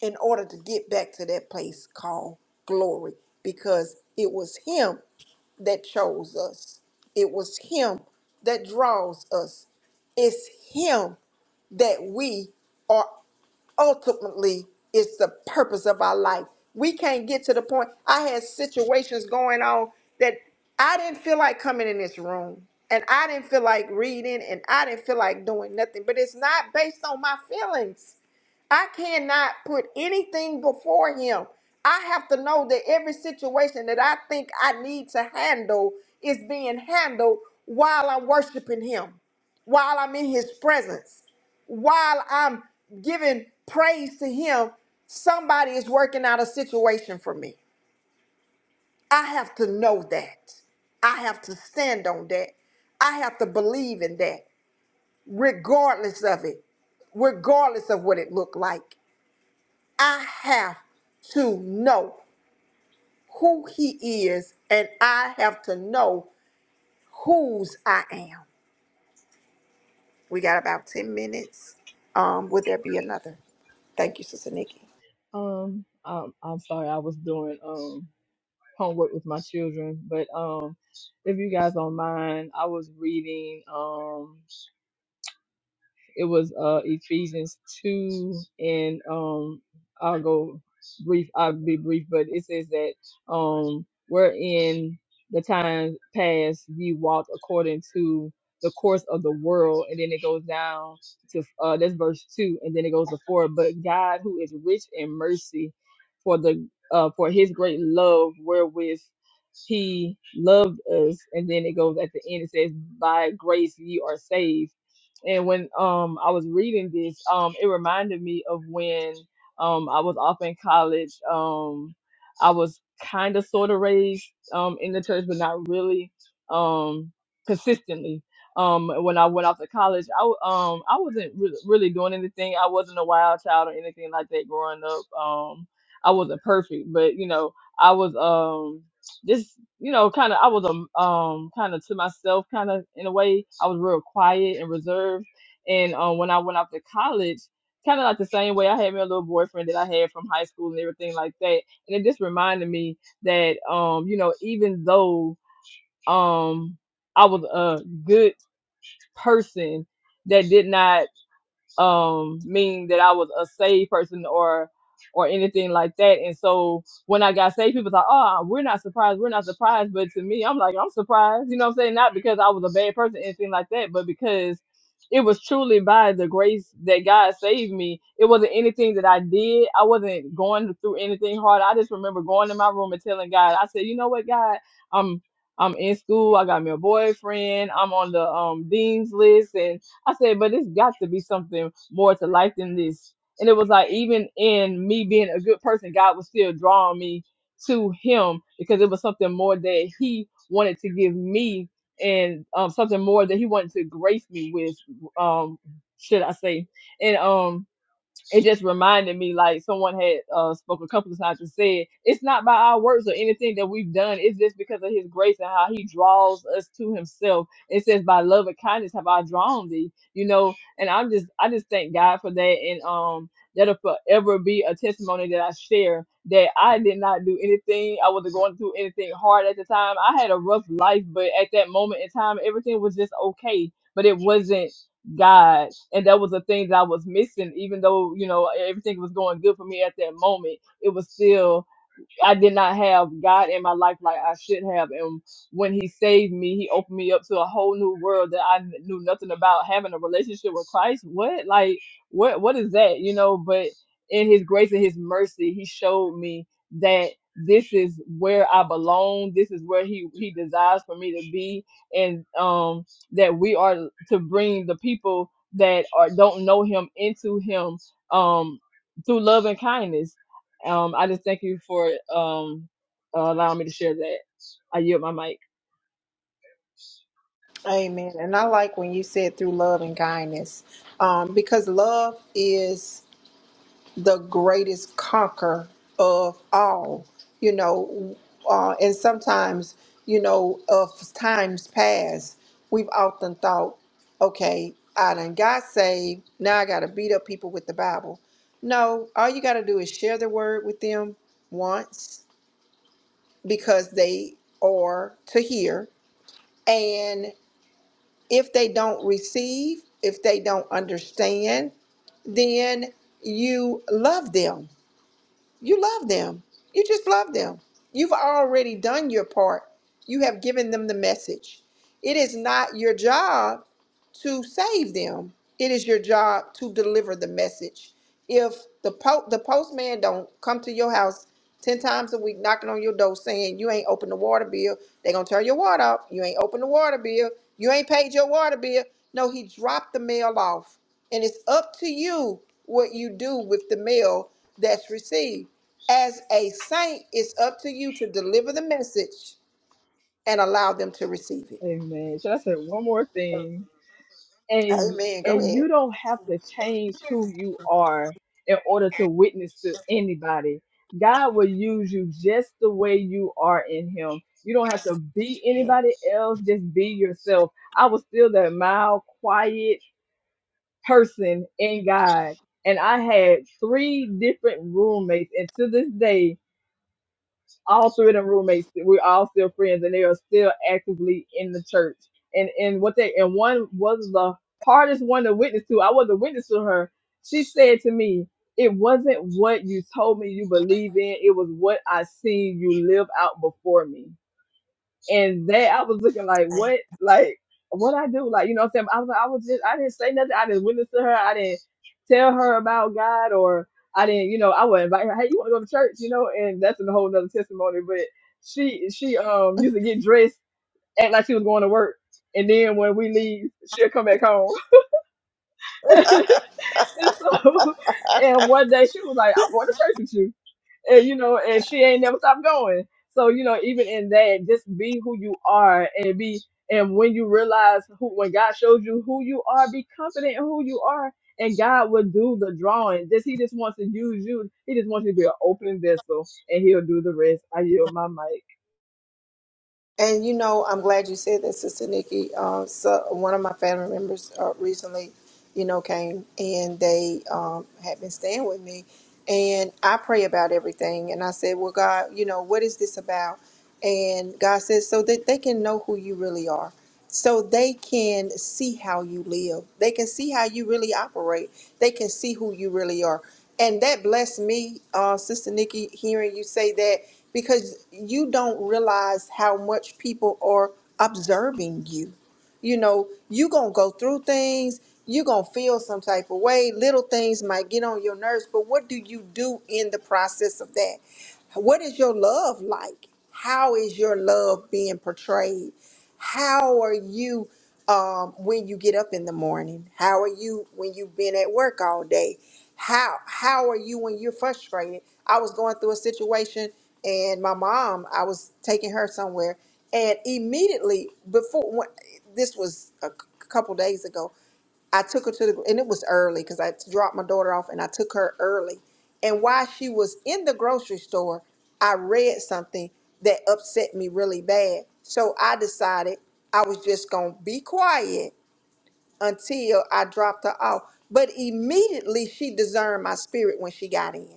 S1: in order to get back to that place called glory because it was him that chose us. It was him that draws us. It's him that we are ultimately it's the purpose of our life. We can't get to the point. I had situations going on that I didn't feel like coming in this room and I didn't feel like reading and I didn't feel like doing nothing, but it's not based on my feelings. I cannot put anything before him. I have to know that every situation that I think I need to handle is being handled while I'm worshiping him, while I'm in his presence while I'm giving praise to Him, somebody is working out a situation for me. I have to know that. I have to stand on that. I have to believe in that, regardless of it, regardless of what it looked like. I have to know who He is, and I have to know whose I am. We got about 10 minutes. Um, would there be another? Thank you, Sister Nikki.
S5: Um, um, I'm sorry, I was doing um homework with my children, but um, if you guys don't mind, I was reading. Um, it was uh Ephesians two and um I'll go brief I'll be brief, but it says that um wherein the times past ye walked according to the course of the world and then it goes down to uh that's verse two and then it goes to four. But God who is rich in mercy for the uh for his great love wherewith he loved us and then it goes at the end it says by grace ye are saved and when um I was reading this, um it reminded me of when um I was off in college. Um I was kind of sort of raised um in the church, but not really um consistently. Um when I went off to college, I w- um I wasn't re- really doing anything. I wasn't a wild child or anything like that growing up. Um I wasn't perfect, but you know, I was um just you know, kind of, I was um, um kind of to myself, kind of in a way. I was real quiet and reserved. And um, when I went off to college, kind of like the same way, I had me a little boyfriend that I had from high school and everything like that. And it just reminded me that um, you know, even though um I was a good person that did not um mean that I was a saved person or or anything like that. And so when I got saved, people thought, oh, we're not surprised, we're not surprised. But to me, I'm like, I'm surprised. You know what I'm saying? Not because I was a bad person, anything like that, but because it was truly by the grace that God saved me. It wasn't anything that I did. I wasn't going through anything hard. I just remember going in my room and telling God, I said, you know what, God, I'm I'm in school. I got me a boyfriend. I'm on the um dean's list, and I said, but it's got to be something more to life than this. And it was like, even in me being a good person, God was still drawing me to Him because it was something more that He wanted to give me and um, something more that He wanted to grace me with, um, should I say. And um, it just reminded me like someone had uh spoke a couple of times and said it's not by our works or anything that we've done it's just because of his grace and how he draws us to himself it says by love and kindness have i drawn thee you know and i'm just i just thank god for that and um that'll forever be a testimony that i share that i did not do anything i wasn't going through anything hard at the time i had a rough life but at that moment in time everything was just okay but it wasn't god and that was a thing that I was missing. Even though you know everything was going good for me at that moment, it was still I did not have God in my life like I should have. And when He saved me, He opened me up to a whole new world that I knew nothing about. Having a relationship with Christ, what like what what is that? You know, but in His grace and His mercy, He showed me that this is where I belong. This is where He He desires for me to be, and um that we are to bring the people that are don't know Him into Him um through love and kindness um, I just thank you for um uh, allowing me to share that. I yield my mic.
S1: Amen. And I like when you said through love and kindness, um, because love is the greatest conqueror of all, you know. Uh, and sometimes, you know, of times past, we've often thought, okay, I done got saved. Now I got to beat up people with the Bible. No, all you got to do is share the word with them once because they are to hear. if they don't receive, if they don't understand, then you love them. You love them. You just love them. You've already done your part. You have given them the message. It is not your job to save them. It is your job to deliver the message. If the po- the postman don't come to your house ten times a week knocking on your door saying you ain't opened the water bill, they gonna turn your water off. You ain't opened the water bill. You ain't paid your water bill. No, he dropped the mail off, and it's up to you what you do with the mail that's received. As a saint, it's up to you to deliver the message and allow them to receive it.
S5: Amen. Should I say one more thing? And
S1: Amen. Go
S5: and
S1: ahead.
S5: you don't have to change who you are in order to witness to anybody. God will use you just the way you are in Him. You don't have to be anybody else. Just be yourself. I was still that mild, quiet person in God, and I had three different roommates, and to this day all three of them roommates, we're all still friends, and they are still actively in the church. And and what they and one was the hardest one to witness to. I was a witness to her. She said to me, "It wasn't what you told me you believe in. It was what I seen you live out before me." And that I was looking like, what, like, what I do, like, you know what I'm saying? I was, like, I was just, I didn't say nothing. I didn't witness to her. I didn't tell her about God, or I didn't, you know, I would invite her. Hey, you want to go to church? You know, and that's a whole nother testimony. But she, she, um, used to get dressed, act like she was going to work, and then when we leave, she'll come back home. [laughs] and so, and one day she was like, I'm going to church with you and you know, and she ain't never stopped going. So you know, even in that, just be who you are, and be, and when you realize who, when God shows you who you are, be confident in who you are, and God will do the drawing. Just He just wants to use you. He just wants you to be an open vessel, and He'll do the rest. I yield my mic.
S1: can know who you really are. So they can see how you live. They can see how you really operate. They can see who you really are. And that blessed me, uh, Sister Nikki, hearing you say that because you don't realize how much people are observing you you know you gonna go through things you gonna feel some type of way little things might get on your nerves but what do you do in the process of that what is your love like how is your love being portrayed how are you um, when you get up in the morning how are you when you've been at work all day how how are you when you're frustrated i was going through a situation and my mom i was taking her somewhere and immediately before this was a c- couple days ago. I took her to the and it was early because I dropped my daughter off and I took her early. And while she was in the grocery store, I read something that upset me really bad. So I decided I was just gonna be quiet until I dropped her off. But immediately she discerned my spirit when she got in.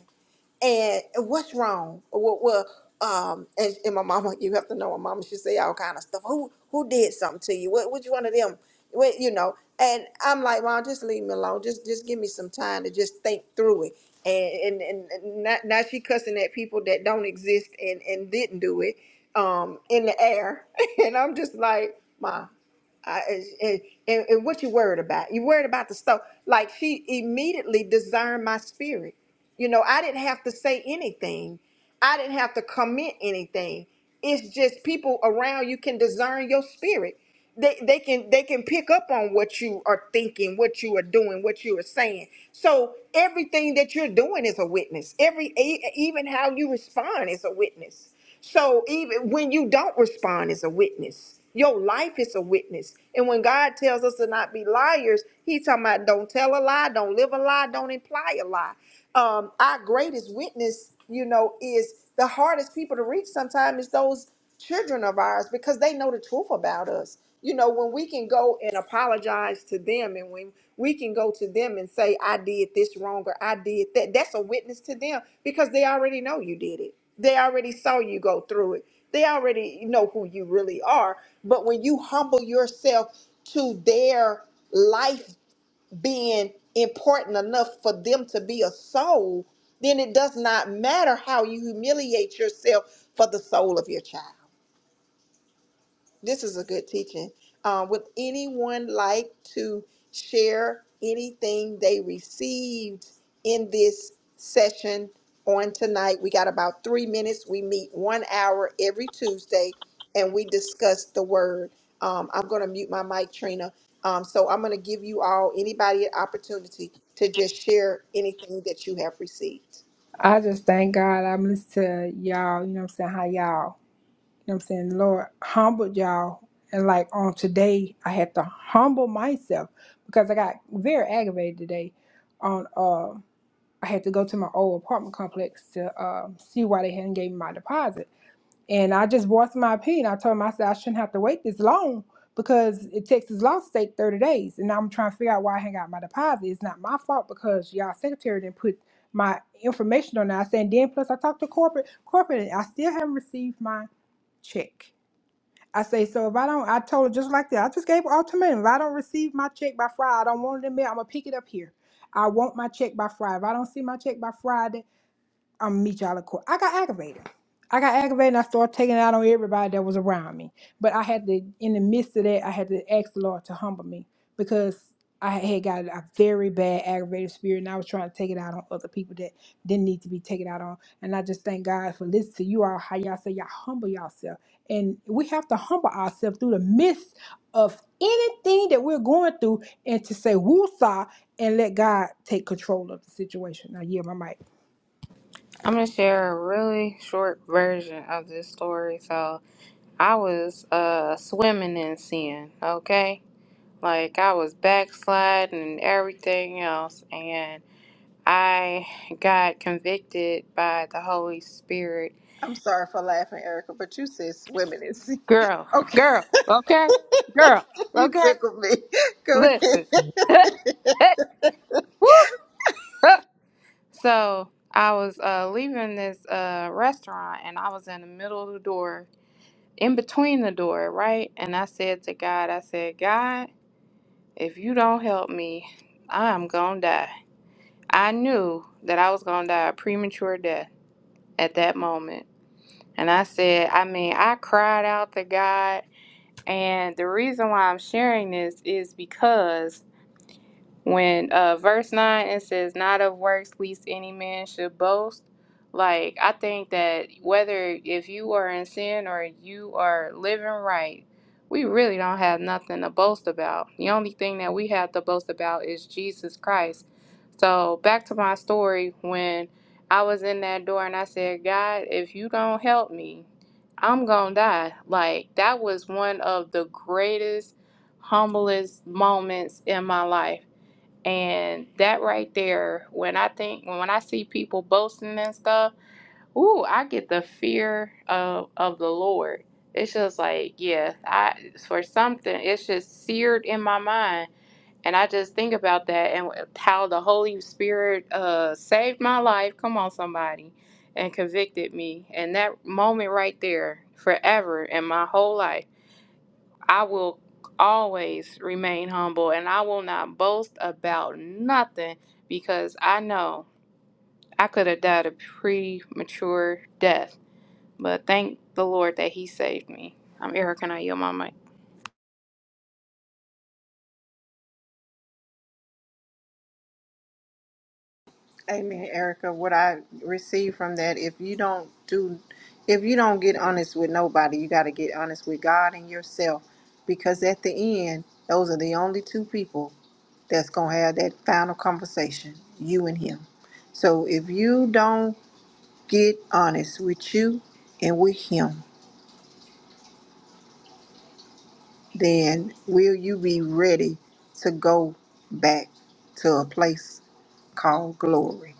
S1: And what's wrong? Well, well um, and, and my mama, [laughs] you have to know my mama. She say all kind of stuff. Who who did something to you? What which one of them? What you know? And I'm like, mom, just leave me alone. Just just give me some time to just think through it. And and, and now, now she cussing at people that don't exist and and didn't do it um in the air. [laughs] And I'm just like, ma. I, and, and and what you worried about? You worried about the stove? Like she immediately discerned my spirit. You know, I didn't have to say anything. I didn't have to comment anything. It's just people around you can discern your spirit. They they can they can pick up on what you are thinking, what you are doing, what you are saying. So everything that you're doing is a witness. Every e- even how you respond is a witness. So even when you don't respond as a witness, your life is a witness. And when God tells us to not be liars, He's talking about don't tell a lie, don't live a lie, don't imply a lie. Um, our greatest witness, you know, is the hardest people to reach sometimes is those children of ours because they know the truth about us. You know, when we can go and apologize to them and when we can go to them and say, I did this wrong or I did that, that's a witness to them because they already know you did it. They already saw you go through it. They already know who you really are. But when you humble yourself to their life being important enough for them to be a soul, then it does not matter how you humiliate yourself for the soul of your child. This is a good teaching. Um, would anyone like to share anything they received in this session on tonight? We got about three minutes. We meet one hour every Tuesday and we discuss the word. Um, I'm going to mute my mic, Trina. Um, so I'm going to give you all, anybody, an opportunity to just share anything that you have received.
S3: i just thank god i'm listening to y'all you know what i'm saying how y'all You know what I'm saying? Lord, humble y'all. And like on today, I had to humble myself because I got very aggravated today. On uh, I had to go to my old apartment complex to uh, see why they hadn't gave me my deposit. And I just voiced my opinion. I told myself I said, I shouldn't have to wait this long because it Texas law state 30 days. And I'm trying to figure out why I ain't got my deposit. It's not my fault because y'all secretary didn't put my information on there. I said, and then plus I talked to corporate. Corporate, and I still haven't received my check. I say, so if I don't, I told her just like that. I just gave her ultimatum. If I don't receive my check by Friday, I don't want it in mail. I'm gonna pick it up here. I want my check by Friday. If I don't see my check by Friday, I'm gonna meet y'all at court. I got aggravated. I got aggravated and I started taking it out on everybody that was around me. But I had to, in the midst of that, I had to ask the Lord to humble me because I had got a very bad aggravated spirit and I was trying to take it out on other people that didn't need to be taken out on. And I just thank God for listening to you all, how y'all say y'all humble yourself. And we have to humble ourselves through the midst of anything that we're going through and to say woosah and let God take control of the situation. Now, yeah, my mic.
S4: I'm gonna share a really short version of this story. So I was uh swimming in sin, okay? Like I was backsliding and everything else and I got convicted by the Holy Spirit.
S1: I'm sorry for laughing, Erica, but you said swimming is. [laughs]
S4: Girl,
S1: Okay,
S4: girl, okay? Girl,
S1: you
S4: okay?
S1: tickled me. [laughs] Go ahead.
S4: Listen. [laughs] Woo! Huh. So I was uh leaving this uh restaurant and I was in the middle of the door in between the door, right? And I said to God, I said, God, if you don't help me, I'm going to die. I knew that I was going to die a premature death at that moment. And I said, I mean, I cried out to God. And the reason why I'm sharing this is because when uh verse 9 it says not of works least any man should boast like i think that whether if you are in sin or you are living right we really don't have nothing to boast about the only thing that we have to boast about is jesus christ so back to my story when i was in that door and i said god if you don't help me i'm gonna die like that was one of the greatest humblest moments in my life and that right there, when I think when, I see people boasting and stuff, ooh, I get the fear of of the Lord. It's just like, yeah, I for something, it's just seared in my mind. And I just think about that and how the Holy Spirit uh saved my life. Come on, somebody, and convicted me. And that moment right there, forever in my whole life. I will always remain humble and I will not boast about nothing because I know I could have died a premature death. But thank the Lord that He saved me. I'm Erica and I yield my mic.
S1: Amen, Erica. What I received from that, if you don't do, if you don't get honest with nobody, you got to get honest with God and yourself, because at the end, those are the only two people that's gonna have that final conversation, you and Him. So if you don't get honest with you and with Him, then will you be ready to go back to a place? called glory.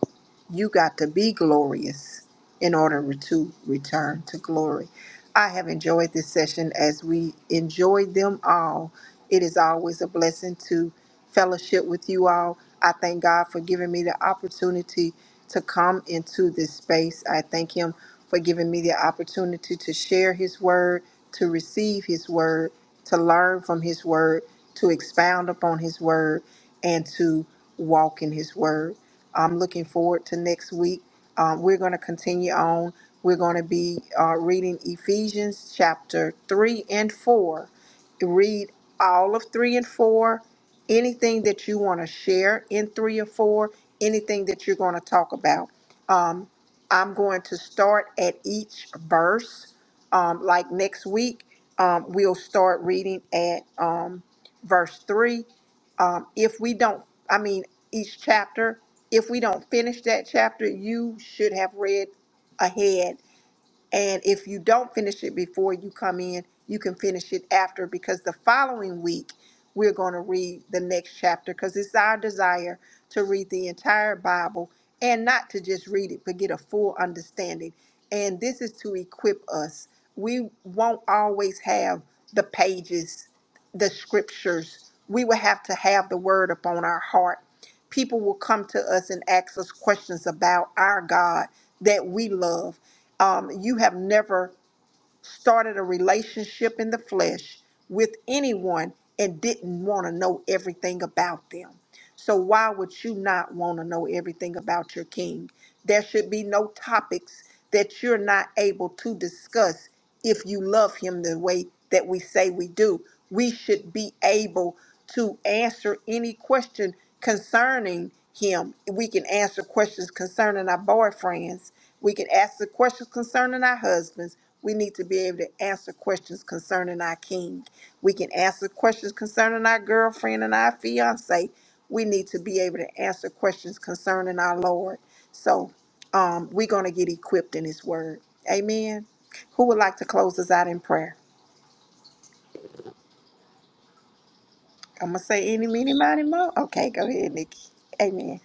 S1: You got to be glorious in order to return to glory. I have enjoyed this session as we enjoyed them all. It is always a blessing to fellowship with you all. I thank God for giving me the opportunity to come into this space. I thank Him for giving me the opportunity to share His word, to receive His word, to learn from His word, to expound upon His word, and to walk in His word. I'm looking forward to next week. Um, we're going to continue on. We're going to be uh, reading Ephesians chapter 3 and 4. Read all of 3 and 4, anything that you want to share in 3 or 4, anything that you're going to talk about. Um, I'm going to start at each verse. Um, like next week, um, we'll start reading at um, verse 3 um, if we don't, I mean, each chapter, if we don't finish that chapter, you should have read ahead and if you don't finish it before you come in, you can finish it after because the following week we're going to read the next chapter because it's our desire to read the entire Bible and not to just read it, but get a full understanding. And this is to equip us. We won't always have the pages, the scriptures. We will have to have the word upon our heart people will come to us and ask us questions about our God that we love. Um, you have never started a relationship in the flesh with anyone and didn't want to know everything about them. So, why would you not want to know everything about your king? There should be no topics that you're not able to discuss if you love him the way that we say we do. We should be able to answer any question concerning him. We can answer questions concerning our boyfriends. We can ask the questions concerning our husbands. We need to be able to answer questions concerning our king. We can answer questions concerning our girlfriend and our fiance. We need to be able to answer questions concerning our Lord. So um, we're going to get equipped in his word. Amen. Who would like to close us out in prayer? I'm going to say any, meeny, miny, mo. Okay, go ahead, Nikki. Amen.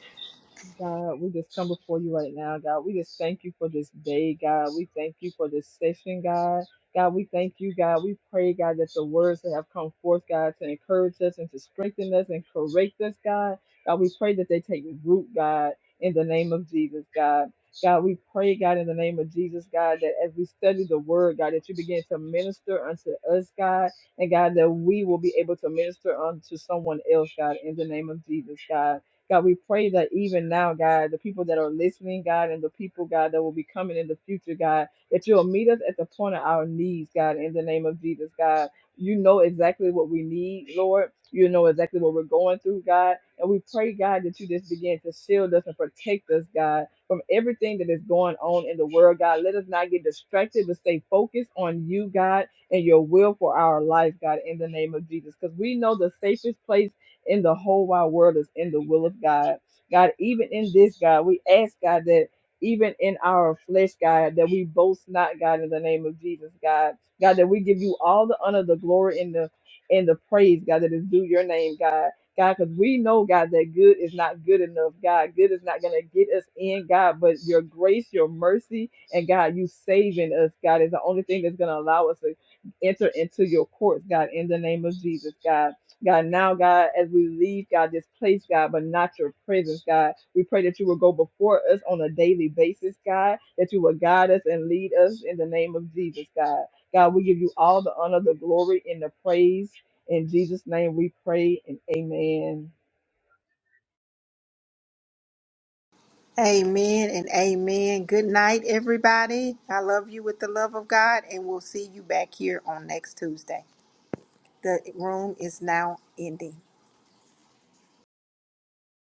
S5: God, we just come before you right now, God. We just thank you for this day, God. We thank you for this session, God. God, we thank you, God. We pray, God, that the words that have come forth, God, to encourage us and to strengthen us and correct us, God. God, we pray that they take root, God, in the name of Jesus, God. God, we pray, God, in the name of Jesus, God, that as we study the word, God, that you begin to minister unto us, God, and God, that we will be able to minister unto someone else, God, in the name of Jesus, God. God, we pray that even now, God, the people that are listening, God, and the people, God, that will be coming in the future, God, that you'll meet us at the point of our needs, God, in the name of Jesus, God. You know exactly what we need, Lord. You know exactly what we're going through, God. And we pray, God, that you just begin to shield us and protect us, God, from everything that is going on in the world, God. Let us not get distracted, but stay focused on you, God, and your will for our life, God, in the name of Jesus. Because we know the safest place in the whole wide world is in the will of God. God, even in this, God, we ask God that even in our flesh, God, that we boast not, God, in the name of Jesus, God. God, that we give you all the honor, the glory, and the and the praise, God, that is due your name, God. God, because we know, God, that good is not good enough, God. Good is not going to get us in, God, but your grace, your mercy, and God, you saving us, God, is the only thing that's going to allow us to enter into your courts, God, in the name of Jesus, God. God, now, God, as we leave, God, this place, God, but not your presence, God. We pray that you will go before us on a daily basis, God, that you will guide us and lead us in the name of Jesus, God. God, we give you all the honor, the glory, and the praise. In Jesus' name we pray and amen.
S1: Amen and amen. Good night, everybody. I love you with the love of God, and we'll see you back here on next Tuesday. The room is now ending.